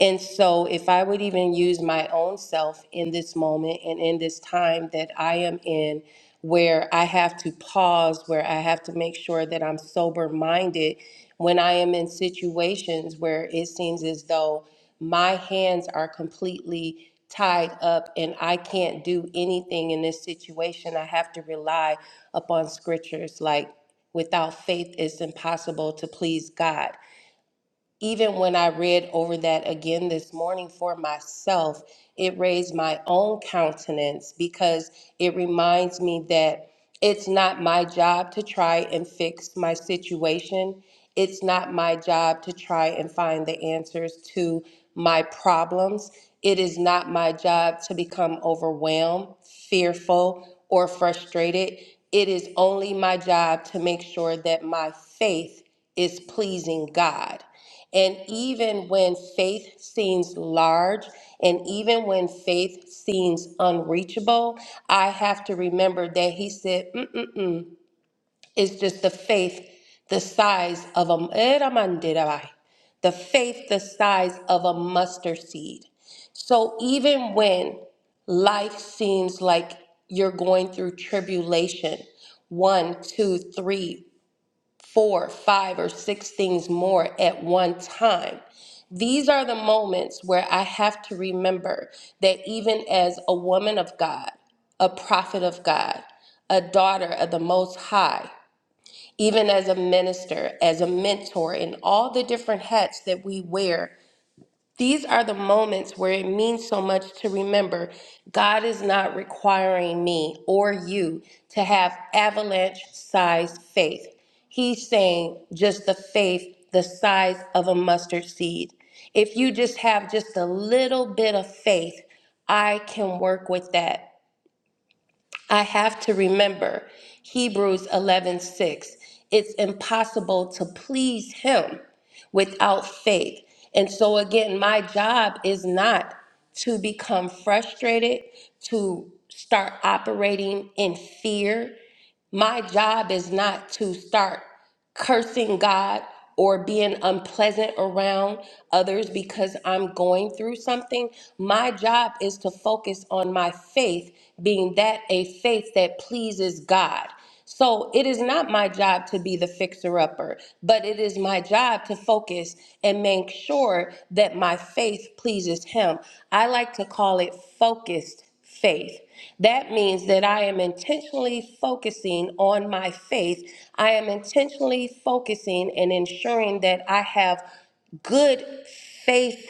And so, if I would even use my own self in this moment and in this time that I am in, where I have to pause, where I have to make sure that I'm sober minded when I am in situations where it seems as though my hands are completely tied up and I can't do anything in this situation. I have to rely upon scriptures like without faith it's impossible to please God even when I read over that again this morning for myself, it raised my own countenance because it reminds me that it's not my job to try and fix my situation. It's not my job to try and find the answers to my problems. It is not my job to become overwhelmed, fearful, or frustrated. It is only my job to make sure that my faith is pleasing God. And even when faith seems large, and even when faith seems unreachable, I have to remember that he said, Mm-mm-mm. it's just the faith the size of a, the faith the size of a mustard seed. So even when life seems like you're going through tribulation, one, two, three, four, five, or six things more at one time. These are the moments where I have to remember that even as a woman of God, a prophet of God, a daughter of the Most High, even as a minister, as a mentor, in all the different hats that we wear these are the moments where it means so much to remember God is not requiring me or you to have avalanche sized faith. He's saying just the faith the size of a mustard seed. If you just have just a little bit of faith, I can work with that. I have to remember Hebrews 11:6. It's impossible to please him without faith. And so again, my job is not to become frustrated, to start operating in fear. My job is not to start cursing God or being unpleasant around others because I'm going through something. My job is to focus on my faith, being that a faith that pleases God. So it is not my job to be the fixer upper, but it is my job to focus and make sure that my faith pleases Him. I like to call it focused faith. That means that I am intentionally focusing on my faith. I am intentionally focusing and ensuring that I have good faith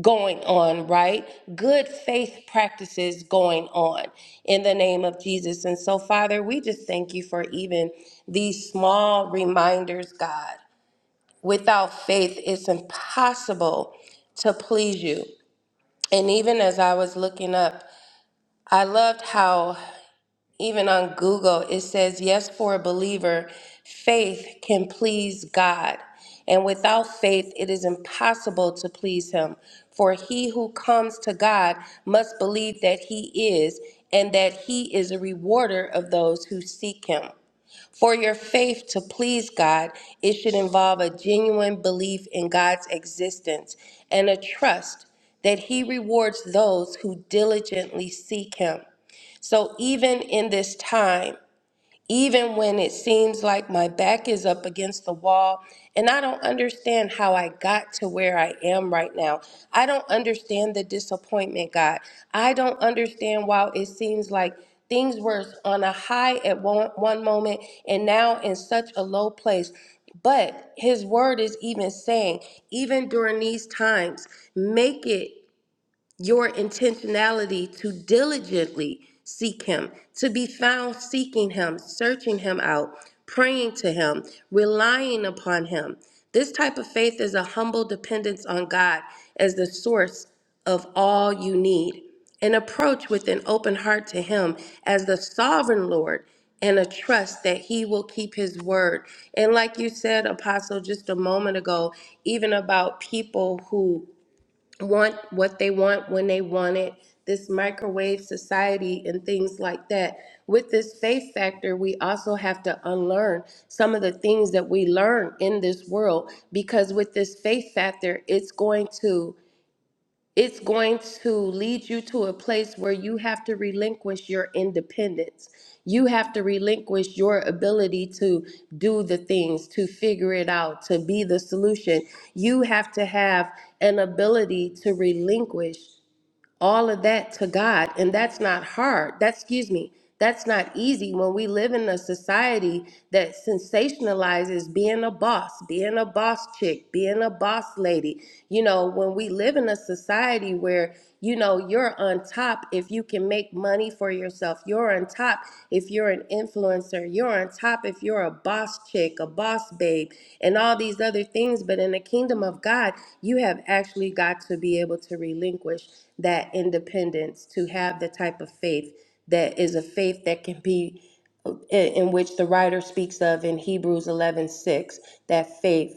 going on, right? Good faith practices going on in the name of Jesus. And so, Father, we just thank you for even these small reminders, God. Without faith, it's impossible to please you. And even as I was looking up, I loved how even on Google, it says, yes, for a believer, faith can please God. And without faith, it is impossible to please him. For he who comes to God must believe that he is, and that he is a rewarder of those who seek him. For your faith to please God, it should involve a genuine belief in God's existence and a trust that he rewards those who diligently seek him. So even in this time, even when it seems like my back is up against the wall and I don't understand how I got to where I am right now, I don't understand the disappointment, God. I don't understand why it seems like things were on a high at one, one moment and now in such a low place. But his word is even saying, even during these times, make it your intentionality to diligently seek Him, to be found seeking Him, searching Him out, praying to Him, relying upon Him. This type of faith is a humble dependence on God as the source of all you need, an approach with an open heart to Him as the sovereign Lord, and a trust that He will keep His word. And like you said, Apostle, just a moment ago, even about people who want what they want when they want it, this microwave society and things like that. With this faith factor, we also have to unlearn some of the things that we learn in this world because with this faith factor, it's going to it's going to lead you to a place where you have to relinquish your independence. You have to relinquish your ability to do the things, to figure it out, to be the solution. You have to have an ability to relinquish all of that to God. And that's not hard. That's, excuse me, that's not easy when we live in a society that sensationalizes being a boss, being a boss chick, being a boss lady. You know, when we live in a society where, you know, you're on top if you can make money for yourself, you're on top if you're an influencer, you're on top if you're a boss chick, a boss babe, and all these other things. But in the kingdom of God, you have actually got to be able to relinquish that independence, to have the type of faith that is a faith that can be uh, in in which the writer speaks of in Hebrews 11:6, that faith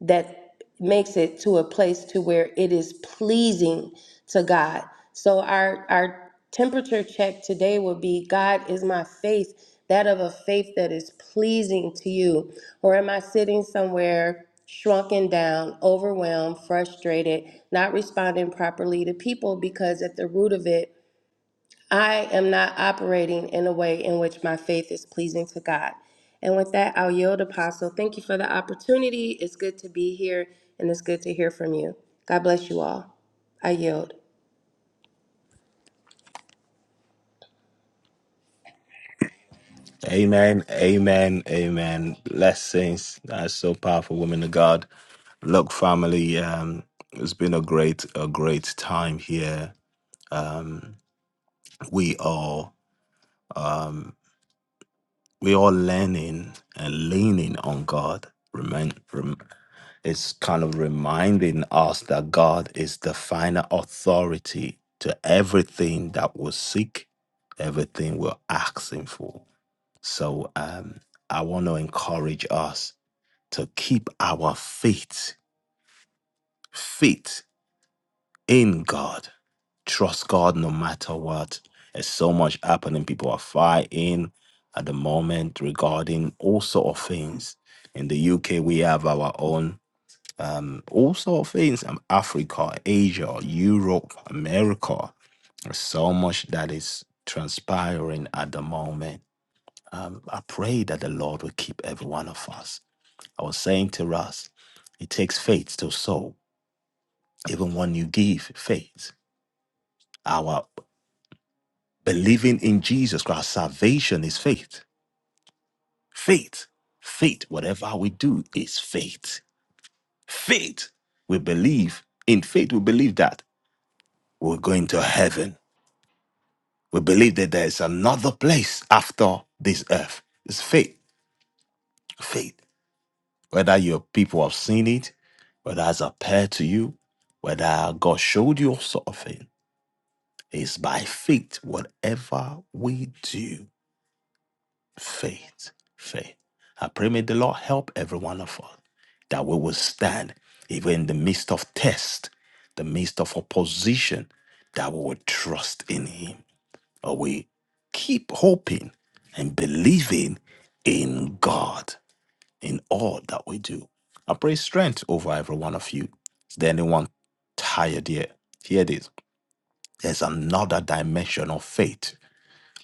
that makes it to a place to where it is pleasing to God. So our our temperature check today would be God is my faith, that of a faith that is pleasing to you. Or am I sitting somewhere shrunken down, overwhelmed, frustrated, not responding properly to people because at the root of it I am not operating in a way in which my faith is pleasing to God. And with that, I'll yield, Apostle. Thank you for the opportunity. It's good to be here and it's good to hear from you. God bless you all. I yield. Amen. Amen. Amen. Blessings. That's so powerful, woman of God. Look, family, um, it's been a great, a great time here. Um, we are we are learning and leaning on God. Remain. It's kind of reminding us that God is the final authority to everything that we seek, everything we're asking for. So um, I want to encourage us to keep our faith, faith in God. Trust God no matter what. There's so much happening. People are fighting at the moment regarding all sort of things. In the UK, we have our own um, all sort of things um, Africa, Asia, Europe, America. There's so much that is transpiring at the moment. Um, I pray that the Lord will keep every one of us. I was saying to Russ, it takes faith to sow, even when you give faith. Our believing in Jesus Christ, salvation is faith. Faith, faith, whatever we do is faith. Faith, we believe, in faith, we believe that we're going to heaven We believe that there is another place after this earth. It's faith. Faith. Whether your people have seen it, whether it's appeared to you, whether God showed you something, it's by faith. Whatever we do, faith. Faith. I pray may the Lord help every one of us that we will stand even in the midst of test, the midst of opposition, that we will trust in Him But we keep hoping and believing in God in all that we do. I pray strength over every one of you. Is there anyone tired here? Here it is. There's another dimension of faith,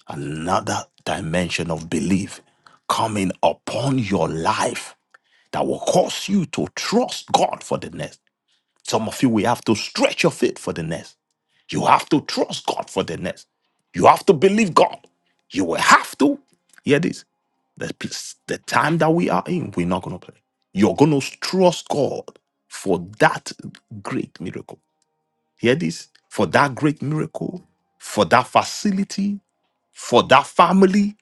another dimension of belief coming upon your life that will cause you to trust God for the next. Some of you will have to stretch your faith for the next. You have to trust God for the next. You have to believe God. You will have to. Hear this. The, place- the time that we are in, we're not going to play. You're going to trust God for that great miracle. Hear this. For that great miracle, for that facility, for that family,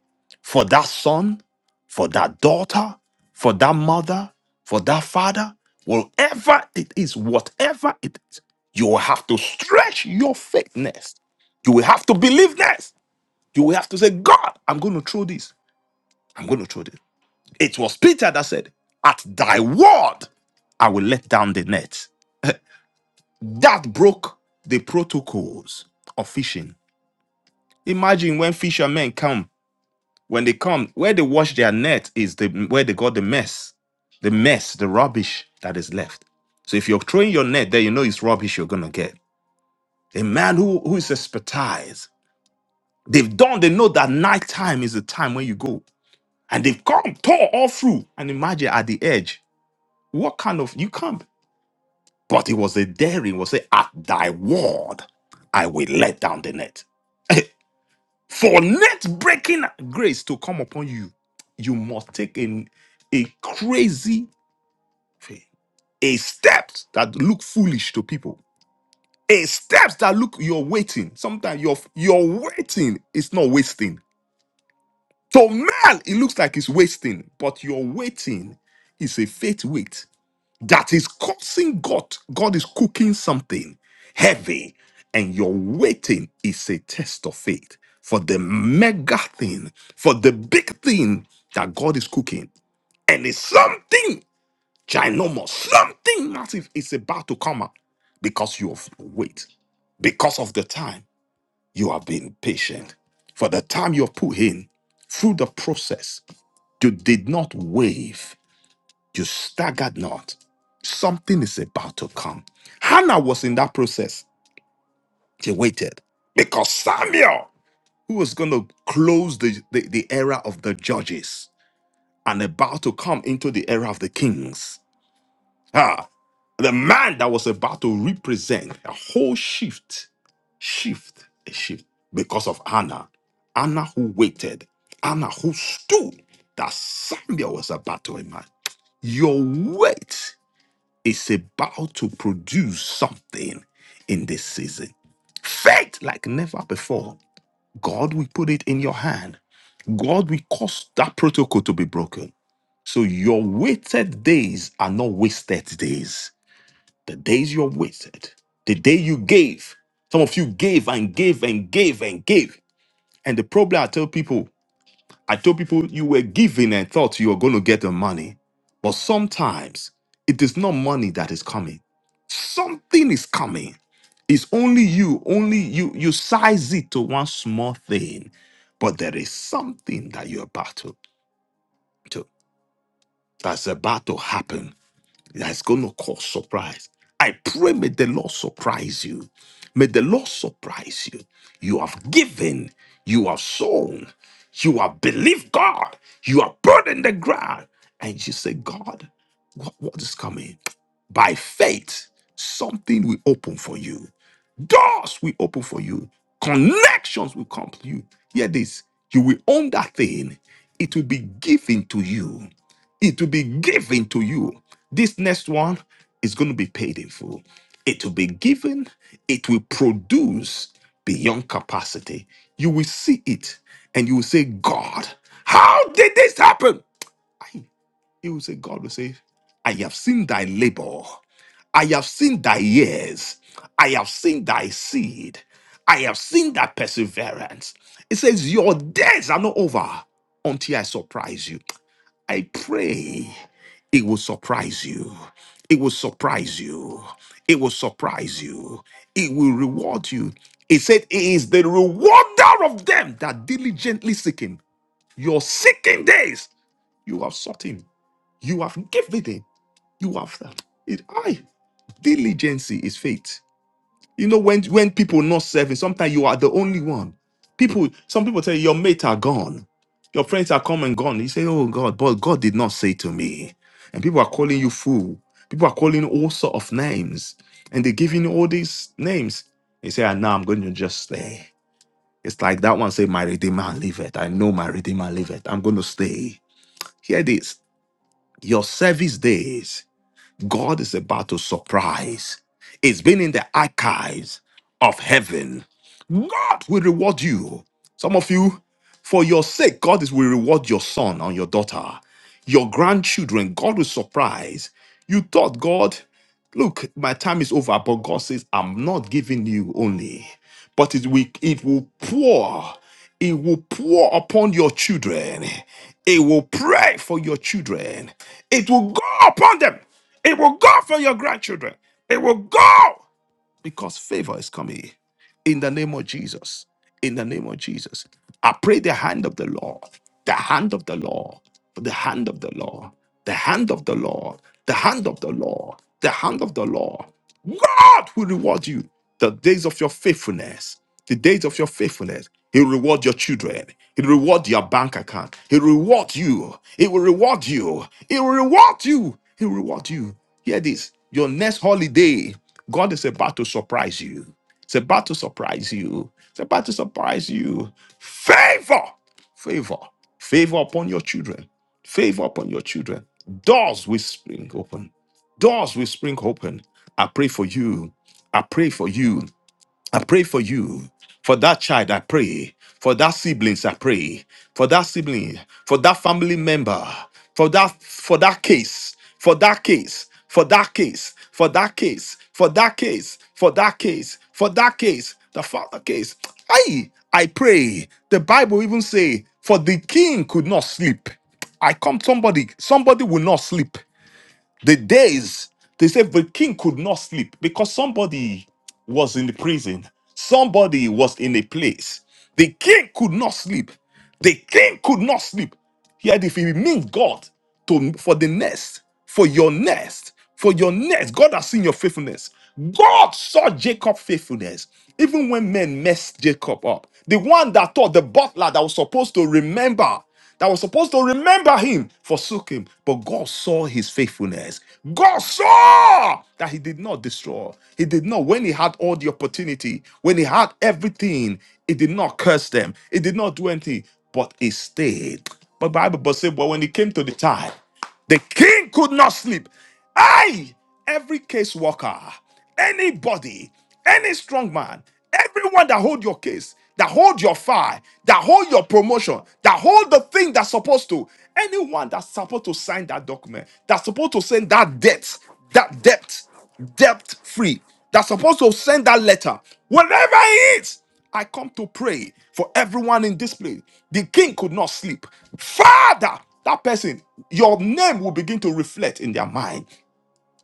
for that son, for that daughter, for that mother, for that father, whatever it is, whatever it is, you will have to stretch your faithness. You will have to believe this. You will have to say, God, I'm going to throw this. I'm going to throw this. It was Peter that said, At thy word, I will let down the net. That broke the protocols of fishing. Imagine when fishermen come When they come, where they wash their net is the where they got the mess, the mess, the rubbish that is left. So if you're throwing your net there, you know it's rubbish you're gonna get. A man who who is expertise, they've done, they know that night time is the time when you go. And they've come, tore all through. And imagine at the edge, what kind of you can't. But it was a daring, was say at thy word, I will let down the net. (laughs) For net breaking grace to come upon you, you must take an, a crazy faith. A steps that look foolish to people. A steps that look you're waiting. Sometimes you're you're waiting is not wasting. To man, it looks like it's wasting, but your waiting is a faith wait that is causing God. God is cooking something heavy, and your waiting is a test of faith for the mega thing, for the big thing that God is cooking. And it's something ginormous, something massive is about to come up because you have wait, because of the time you have been patient, for the time you have put in through the process. You did not wave you staggered not. Something is about to come. Hannah was in that process. She waited because Samuel, who was going to close the, the, the era of the judges and about to come into the era of the kings, ah, the man that was about to represent a whole shift, shift, a shift because of Hannah. Hannah who waited, Hannah who stood that Samuel was about to emerge. Your wait is about to produce something in this season. Faith like never before. God will put it in your hand. God will cause that protocol to be broken. So your waited days are not wasted days. The days you're waited, the day you gave, some of you gave and gave and gave and gave. And the problem I tell people, I tell people you were giving and thought you were going to get the money. But sometimes it is not money that is coming Something is coming. It's only you, only you. You size it to one small thing, but there is something that you're about to, to that's about to happen that's going to cause surprise. I pray, may the Lord surprise you. May the Lord surprise you. You have given, you have sown, you have believed God, you have burdened the ground. And you say, God, what, what is coming? By faith, something will open for you doors will open for you, connections will come to you. Hear this you will own that thing, it will be given to you. It will be given to you. This next one is going to be paid in full. It will be given, it will produce beyond capacity. You will see it and you will say, God, how did this happen? I- You will say, God will say, I have seen thy labor, I have seen thy years, I have seen thy seed, I have seen thy perseverance. It says, Your days are not over until I surprise you. I pray it will surprise you. It will surprise you. It will surprise you. It will reward you. It said, He is the rewarder of them that diligently seek Him. Your seeking days, you have sought Him. You have given Him. You have that. It, I, diligency is faith. You know, when when people not serving, sometimes you are the only one. People, some people tell you your mates are gone, your friends are come and gone. You say, "Oh God," but God did not say to me. And people are calling you fool. People are calling you all sort of names, and they're giving you all these names. You say, "Ah, now I'm going to just stay." It's like that one say, "My redeemer liveth." I know my redeemer liveth. I'm going to stay. Hear this: your service days. God is about to surprise. It's been in the archives of heaven. God will reward you. Some of you, for your sake, God is, will reward your son and your daughter, your grandchildren. God will surprise. You thought, God, look, my time is over, but God says, I'm not giving you only, but it will, it will pour. It will pour upon your children. It will pray for your children. It will go upon them. It will go for your grandchildren. It will go because favor is coming in the name of Jesus. In the name of Jesus. I pray the hand of the Lord, the hand of the Lord, the hand of the Lord, the hand of the Lord, the hand of the Lord, the hand of the Lord. God will reward you the days of your faithfulness, the days of your faithfulness. He'll reward your children. He'll reward your bank account. He'll reward you. He will reward you. He will reward you. He'll reward you. Hear this. Your next holiday, God is about to surprise you. It's about to surprise you. It's about to surprise you. Favor, favor, favor upon your children. Favor upon your children. Doors will spring open. Doors will spring open. I pray for you. I pray for you. I pray for you, for that child, I pray, for that siblings, I pray, for that sibling, for that family member, for that for that case, for that case, for that case, for that case, for that case, for that case, for that case, the father case. I I pray. The Bible even say, for the king could not sleep. I come somebody, somebody will not sleep. The days they said the king could not sleep because somebody was in the prison, somebody was in a place. The king could not sleep. The king could not sleep. Yet if you meet God to for the nest, for your nest, for your nest, God has seen your faithfulness. God saw Jacob's faithfulness. Even when men messed Jacob up, the one that thought the butler that was supposed to remember that was supposed to remember him forsook him. But God saw his faithfulness. God saw that he did not destroy. He did not, when he had all the opportunity, when he had everything, he did not curse them. He did not do anything, but he stayed. But Bible but say, but when it came to the time, the king could not sleep. I, every case worker, anybody, any strong man, everyone that hold your case, that hold your file, that hold your promotion, that hold the thing that's supposed to, anyone that's supposed to sign that document, that's supposed to send that debt, that debt debt free that's supposed to send that letter whatever it is i come to pray for everyone in this place the king could not sleep father that person your name will begin to reflect in their mind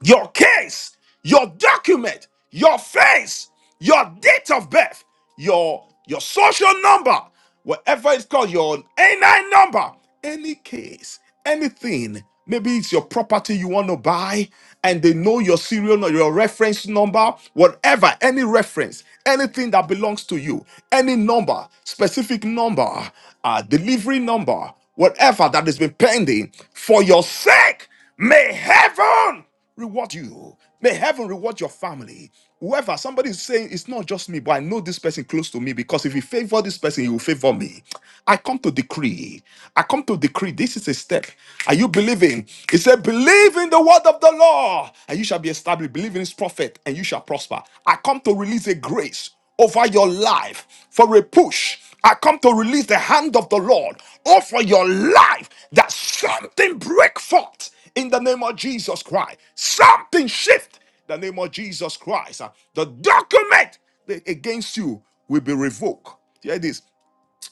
your case, your document, your face, your date of birth, your your social number, whatever it's called, your A9 number, any case, anything. Maybe it's your property you want to buy, and they know your serial number, your reference number, whatever, any reference, anything that belongs to you, any number, specific number, uh, delivery number, whatever that has been pending for your sake. May heaven reward you. May heaven reward your family. Whoever somebody is saying it's not just me, but I know this person close to me because if you favor this person, he will favor me. I come to decree. I come to decree. This is a step. Are you believing? He said, Believe in the word of the law, and you shall be established. Believe in his prophet, and you shall prosper. I come to release a grace over your life for a push. I come to release the hand of the Lord over your life that. Something break forth in the name of Jesus Christ. Something shift in the name of Jesus Christ. Uh, The document that against you will be revoked. Hear this.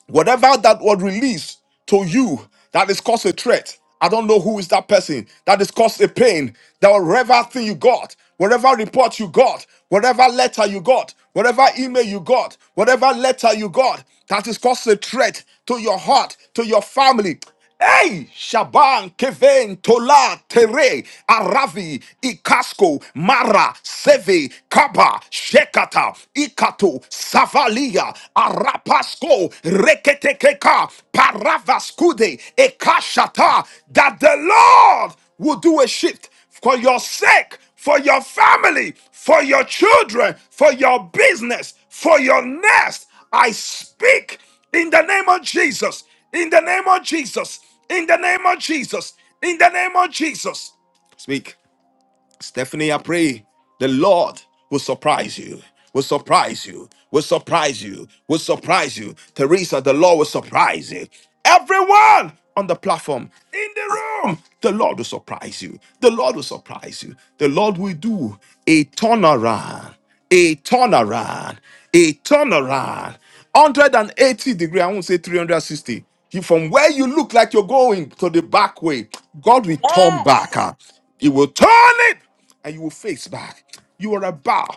Whatever that was released to you that is cause a threat. I don't know who is that person that is cause a pain. That whatever thing you got, whatever report you got, whatever letter you got, whatever email you got, whatever letter you got that is cause a threat to your heart, to your family. Hey, Shaban, Kevin, Tola, Tere, Aravi, Ikasko, Mara, Seve, Kaba, Shekata, Ikato, Savalia, Arapasko, Reketekeka, Paravaskude, Ekashata, that the Lord will do a shift for your sake, for your family, for your children, for your business, for your nest. I speak in the name of Jesus. In the name of Jesus. In the name of Jesus. In the name of Jesus. Speak. Stephanie, I pray the Lord will surprise you. Will surprise you. Will surprise you. Will surprise you. Teresa, the Lord will surprise you. Everyone on the platform, in the room, the Lord will surprise you. The Lord will surprise you. The Lord will do a turnaround, a turnaround, a turnaround. 180 degree, I won't say 360. You, from where you look like you're going to the back way, God will turn back. ah. He will turn it and you will face back. You are a bow.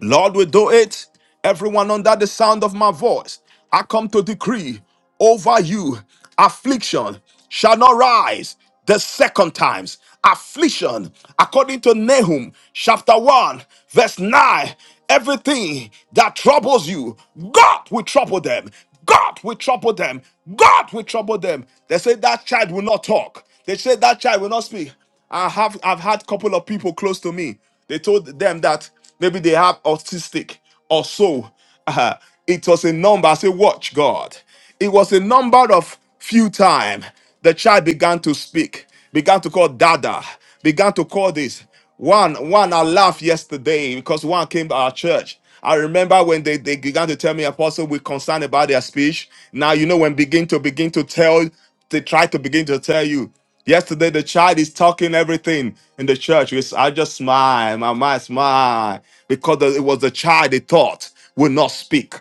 Lord will do it. Everyone under the sound of my voice, I come to decree over you affliction shall not rise the second times. Affliction, according to Nahum chapter 1, verse 9, everything that troubles you, God will trouble them. God will trouble them. God will trouble them. They say that child will not talk. They say that child will not speak. I have I've had couple of people close to me. They told them that maybe they have autistic or so. Uh, it was a number. I say, watch God. It was a number of few time. The child began to speak, began to call Dada, began to call this. One, one, I laughed yesterday because one came to our church. I remember when they, they began to tell me, Apostle, we're concerned about their speech. Now, you know, when begin to begin to tell they try to begin to tell you. Yesterday, the child is talking everything in the church. It's- I just smile, my mind smile, because the- it was the child they thought would not speak.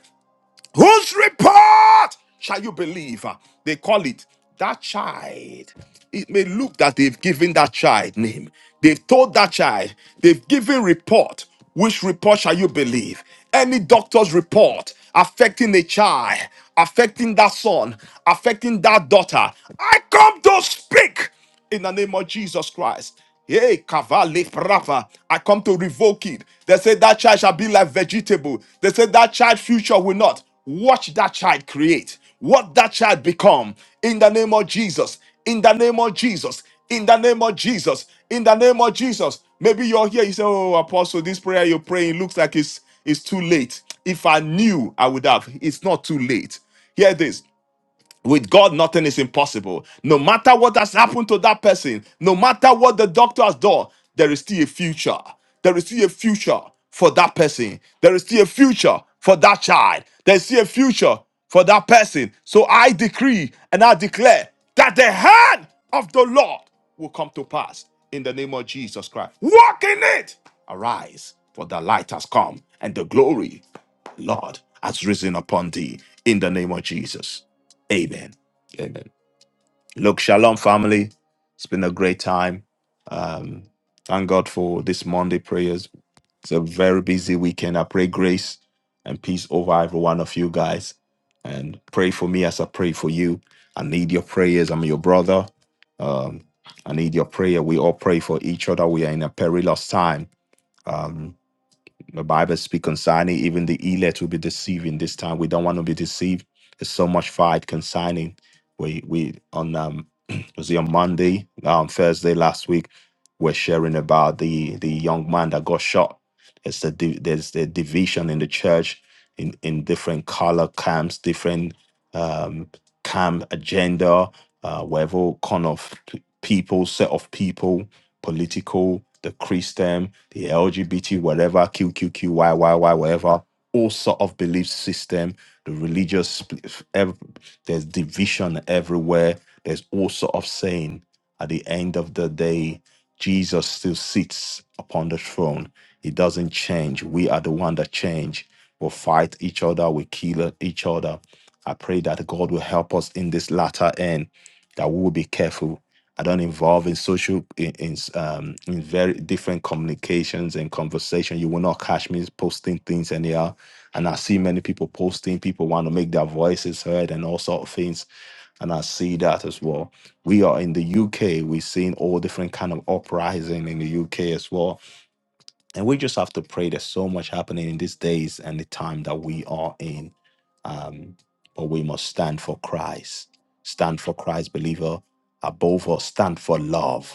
Whose report shall you believe? They call it that child. It may look that they've given that child name. They've told that child, they've given report. Which report shall you believe? Any doctor's report affecting a child, affecting that son, affecting that daughter. I come to speak in the name of Jesus Christ. Hey, Kavali Brava. I come to revoke it. They say that child shall be like vegetable. They say that child future will not. Watch that child create. What that child become. In the name of Jesus. In the name of Jesus. In the name of Jesus. In the name of Jesus. Maybe you're here. You say, Oh, Apostle, this prayer you're praying looks like it's it's too late. If I knew, I would have. It's not too late. Hear this with God, nothing is impossible. No matter what has happened to that person, no matter what the doctor has done, there is still a future. There is still a future for that person. There is still a future for that child. There is still a future for that person. So I decree and I declare that the hand of the Lord will come to pass in the name of Jesus Christ. Walk in it. Arise, for the light has come and the glory, Lord, has risen upon thee in the name of Jesus. Amen. Amen. Look, shalom, family. It's been a great time. Um, thank God for this Monday prayers. It's a very busy weekend. I pray grace and peace over every one of you guys. And pray for me as I pray for you. I need your prayers. I'm your brother. Um, I need your prayer. We all pray for each other. We are in a perilous time. Um, the Bible speak concerning even the elect will be deceiving this time. We don't want to be deceived. There's so much fight concerning. We we on um (clears throat) was it on Monday, um Thursday last week, we're sharing about the the young man that got shot. There's a di- there's the division in the church in in different color camps, different um, camp, agenda, uh, whatever kind of p- people, set of people, political, the Christian, the LGBT, whatever, QQQ, YYY, whatever, all sort of belief system, the religious, split- ev- there's division everywhere. There's all sort of saying at the end of the day, Jesus still sits upon the throne. He doesn't change. We are the one that change. We'll fight each other. We kill each other I pray that God will help us in this latter end, that we will be careful. I don't involve in social in, in um in very different communications and conversation. You will not catch me posting things anyhow. And I see many people posting, people want to make their voices heard and all sort of things. And I see that as well. We are in the UK, we're seeing all different kind of uprising in the UK as well. And we just have to pray there's so much happening in these days and the time that we are in um, but we must stand for Christ. Stand for Christ, believer. Above all, stand for love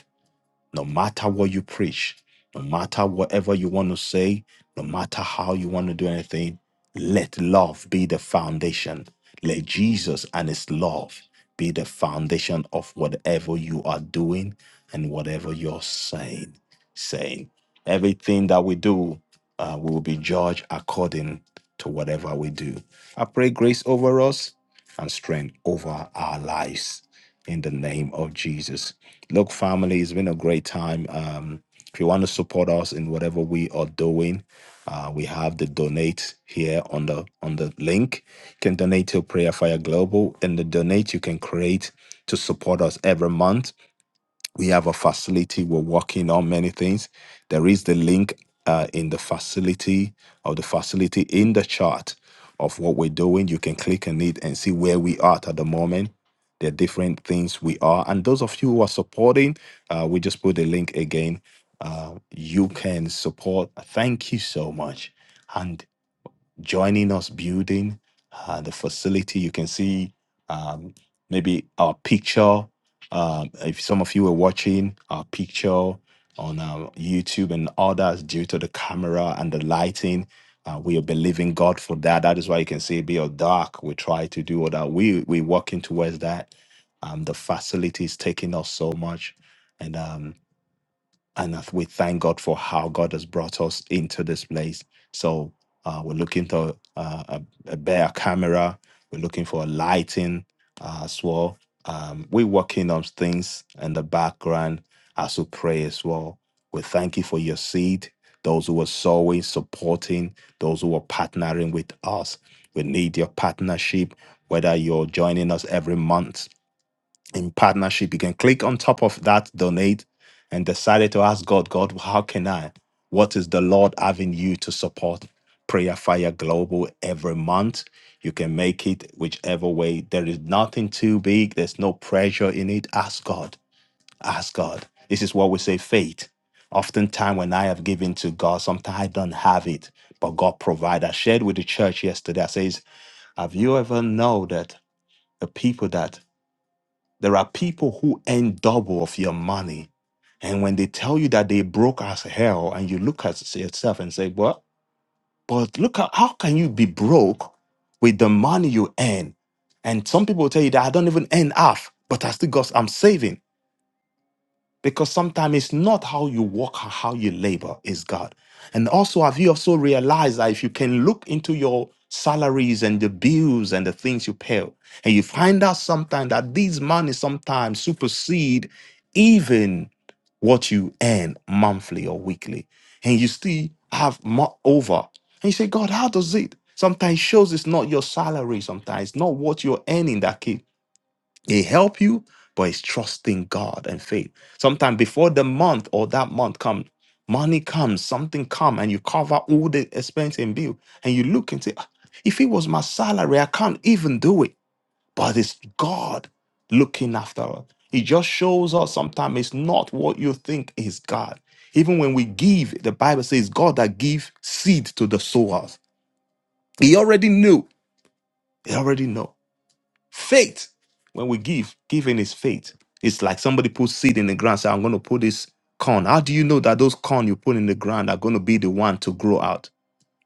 no matter what you preach, no matter whatever you want to say, no matter how you want to do anything, let love be the foundation. Let Jesus and his love be the foundation of whatever you are doing and whatever you're saying. Saying everything that we do uh, will be judged according to whatever we do. I pray grace over us and strength over our lives in the name of Jesus. Look, family, it's been a great time. Um, if you want to support us in whatever we are doing, uh, we have the donate here on the on the link. You can donate to Prayer Fire Global, and the donate you can create to support us every month we have a facility we're working on many things there is the link uh, in the facility of the facility in the chart of what we're doing you can click on it and see where we are at the moment there are different things we are and those of you who are supporting uh, we just put the link again uh, you can support thank you so much And joining us building uh, the facility. You can see um, maybe our picture. Um, if some of you were watching our picture on uh, YouTube and others due to the camera and the lighting, uh, we are believing God for that. That is why you can see it be all dark. We try to do all that. We we working towards that. Um, the facility is taking us so much, and um, and I- we thank God for how God has brought us into this place. So uh, we're looking to uh, a, a better camera. We're looking for a lighting uh, as well. Um, we're working on things in the background as we pray as well. We thank you for your seed, those who are sowing, supporting, those who are partnering with us. We need your partnership, whether you're joining us every month in partnership. You can click on top of that donate and decided to ask God, God, how can I? What is the Lord having you to support Prayer Fire Global every month? You can make it whichever way. There is nothing too big, there's no pressure in it. Ask God. Ask God. This is what we say faith. Oftentimes, when I have given to God, sometimes I don't have it, but God provides. I shared with the church yesterday. I says, Have you ever know that the people that there are people who earn double of your money. And when they tell you that they broke as hell, and you look at yourself and say, Well, but look at how can you be broke with the money you earn? And some people tell you that I don't even earn half, but I still got I'm saving because sometimes it's not how you work, or how you labor is God. And also, have you also realized that if you can look into your salaries and the bills and the things you pay, and you find out sometimes that these money sometimes supersede even what you earn monthly or weekly, and you still have more over, and you say, God, how does it? Sometimes it shows it's not your salary, sometimes it's not what you're earning that keeps. He help you, but it's trusting God and faith. Sometime before the month or that month comes, money comes, something come, and you cover all the expense and bill, and you look and say, "Ah, if it was my salary, I can't even do it. But it's God looking after us. It just shows us sometimes it's not what you think is God. Even when we give, the Bible says God that give seed to the sowers. He already knew. He already know. Faith. When we give, giving is faith. It's like somebody puts seed in the ground. Say, I'm going to put this corn. How do you know that those corn you put in the ground are going to be the one to grow out,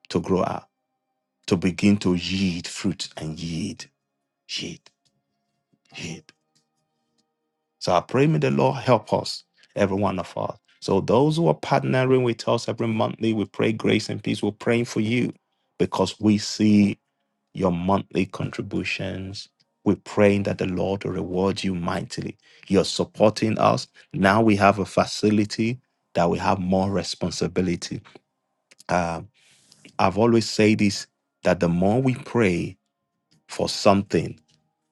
to grow out, to begin to yield fruit and yield, yield, yield? So I pray may the Lord help us, every one of us. So those who are partnering with us every monthly, we pray grace and peace. We're praying for you because we see your monthly contributions. We're praying that the Lord will reward you mightily. You're supporting us. Now we have a facility that we have more responsibility. Uh, I've always said this that the more we pray for something,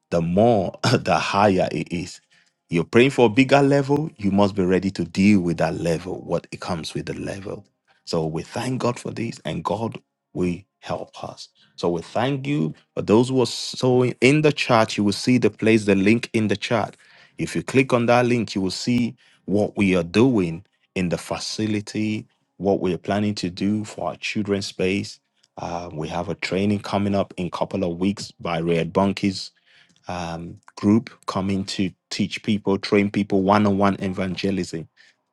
the more, (laughs) the higher it is. You're praying for a bigger level, you must be ready to deal with that level, what it comes with the level. So we thank God for this, and God will help us. So we thank you for those who are sowing in the chat. You will see the place, the link in the chat. If you click on that link, you will see what we are doing in the facility, what we are planning to do for our children's space. Uh, we have a training coming up in a couple of weeks by Red Bunkies um, group coming to teach people, train people one on one evangelism.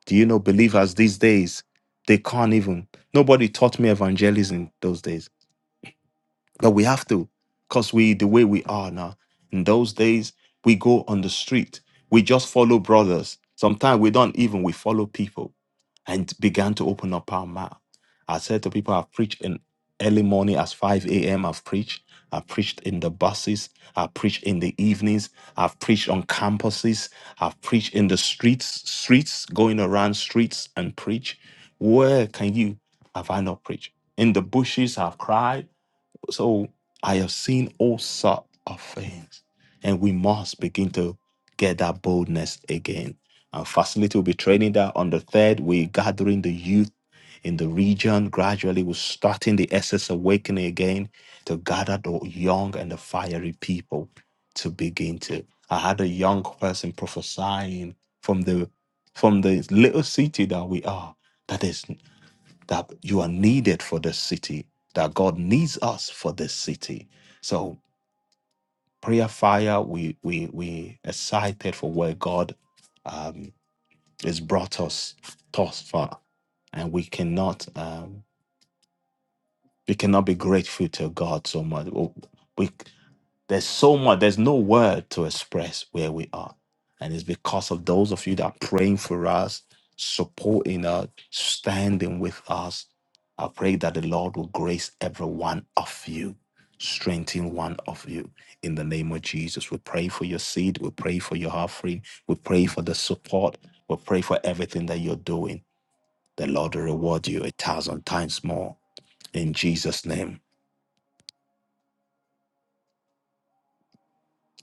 Do you know believers these days? They can't even. Nobody taught me evangelism those days but we have to, because we the way we are now. In those days, we go on the street. We just follow brothers. Sometimes we don't even we follow people and began to open up our mouth. I said to people, I've preached in early morning as 5 a.m. I've preached. I've preached in the buses. I've preached in the evenings. I've preached on campuses. I've preached in the streets, streets, going around streets and preach. Where can you have I not preached? In the bushes, I've cried. So I have seen all sort of things, and we must begin to get that boldness again. And facility will be training that on the third. We're gathering the youth in the region. Gradually, we're starting the SS awakening again to gather the young and the fiery people to begin to. I had a young person prophesying from the from the little city that we are. That is that you are needed for this city, that God needs us for this city. So prayer fire, we we we excited for where God um has brought us thus far. And we cannot um we cannot be grateful to God so much. We There's so much, there's no word to express where we are. And it's because of those of you that are praying for us, supporting us, standing with us. I pray that the Lord will grace every one of you, strengthen one of you. In the name of Jesus, we pray for your seed, we pray for your offering, we pray for the support, we pray for everything that you're doing. The Lord will reward you a thousand times more. In Jesus' name.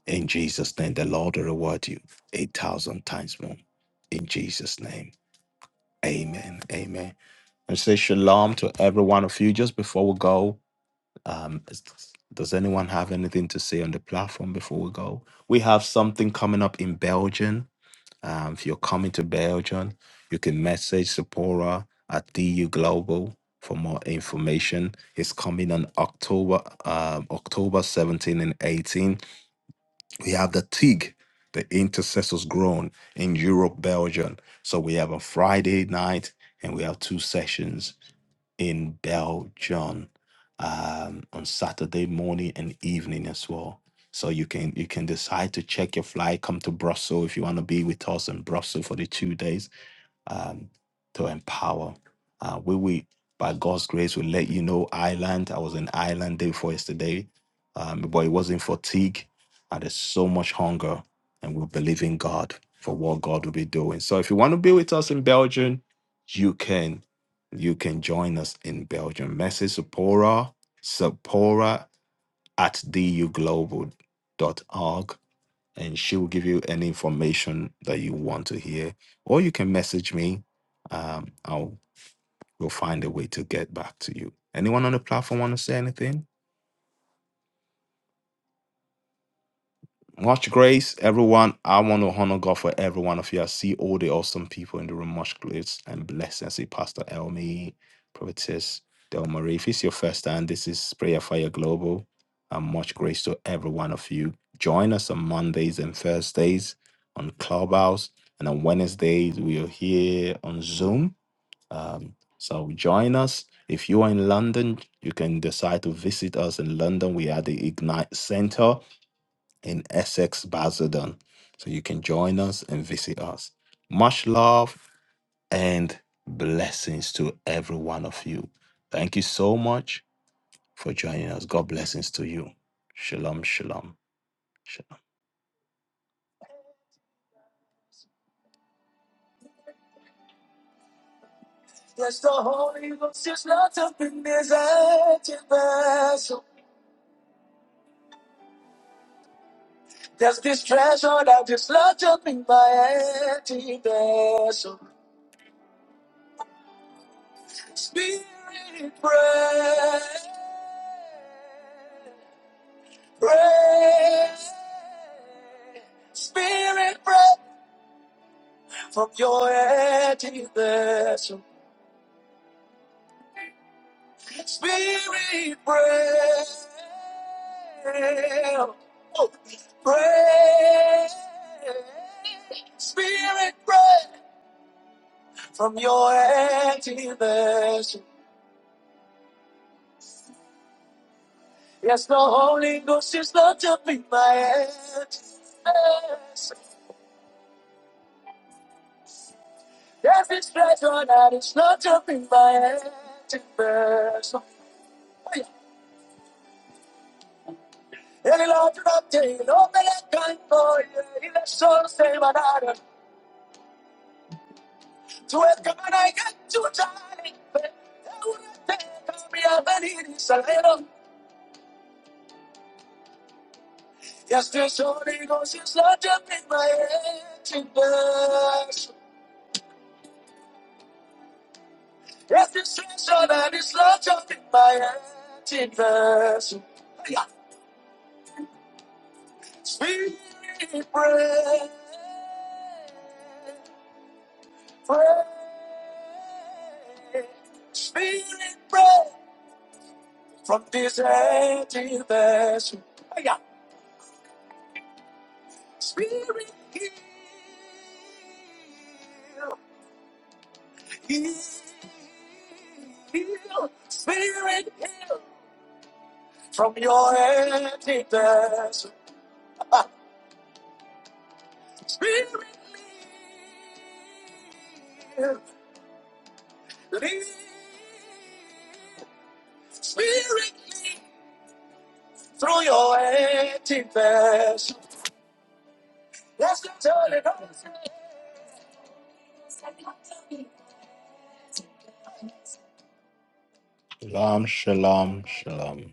In Jesus' name, the Lord will reward you a thousand times more. In Jesus' name. Amen. Amen. And say shalom to every one of you. Just before we go, um, is- does anyone have anything to say on the platform before we go? We have something coming up in Belgium. Um, if you're coming to Belgium, you can message Sephora at DU Global for more information. It's coming on October, um, October 17 and 18 we have the TIG, the Intercessors Grown in Europe, Belgium. So we have a Friday night and we have two sessions in Belgium um, on Saturday morning and evening as well. So you can you can decide to check your flight, come to Brussels if you want to be with us in Brussels for the two days um, to empower. Uh, we, we, by God's grace, We let you know Ireland. I was in Ireland day before yesterday, um, but it wasn't fatigue. And there's so much hunger, and we believe in God for what God will be doing. So if you want to be with us in Belgium, you can. You can join us in Belgium. Message Sephora, Sephora at duglobal dot org and she will give you any information that you want to hear. Or you can message me. Um, I'll we'll find a way to get back to you. Anyone on the platform want to say anything? Much grace, everyone. I want to honor God for every one of you. I see all the awesome people in the room. Much grace and blessings. I see Pastor Elmi, Prophetess Del Marie. If it's your first time, this is Prayer Fire Global. And much grace to every one of you. Join us on Mondays and Thursdays on Clubhouse. And on Wednesdays, we are here on Zoom. Um, so join us. If you are in London, you can decide to visit us in London. We are the Ignite Center in Essex, Basildon. So you can join us and visit us. Much love and blessings to every one of you. Thank you so much for joining us. God blessings to you. Shalom, shalom, shalom. So there's this treasure that is locked up in my empty vessel. Spirit, pray, pray. Spirit, pray. From your empty vessel. Shalom, shalom, shalom.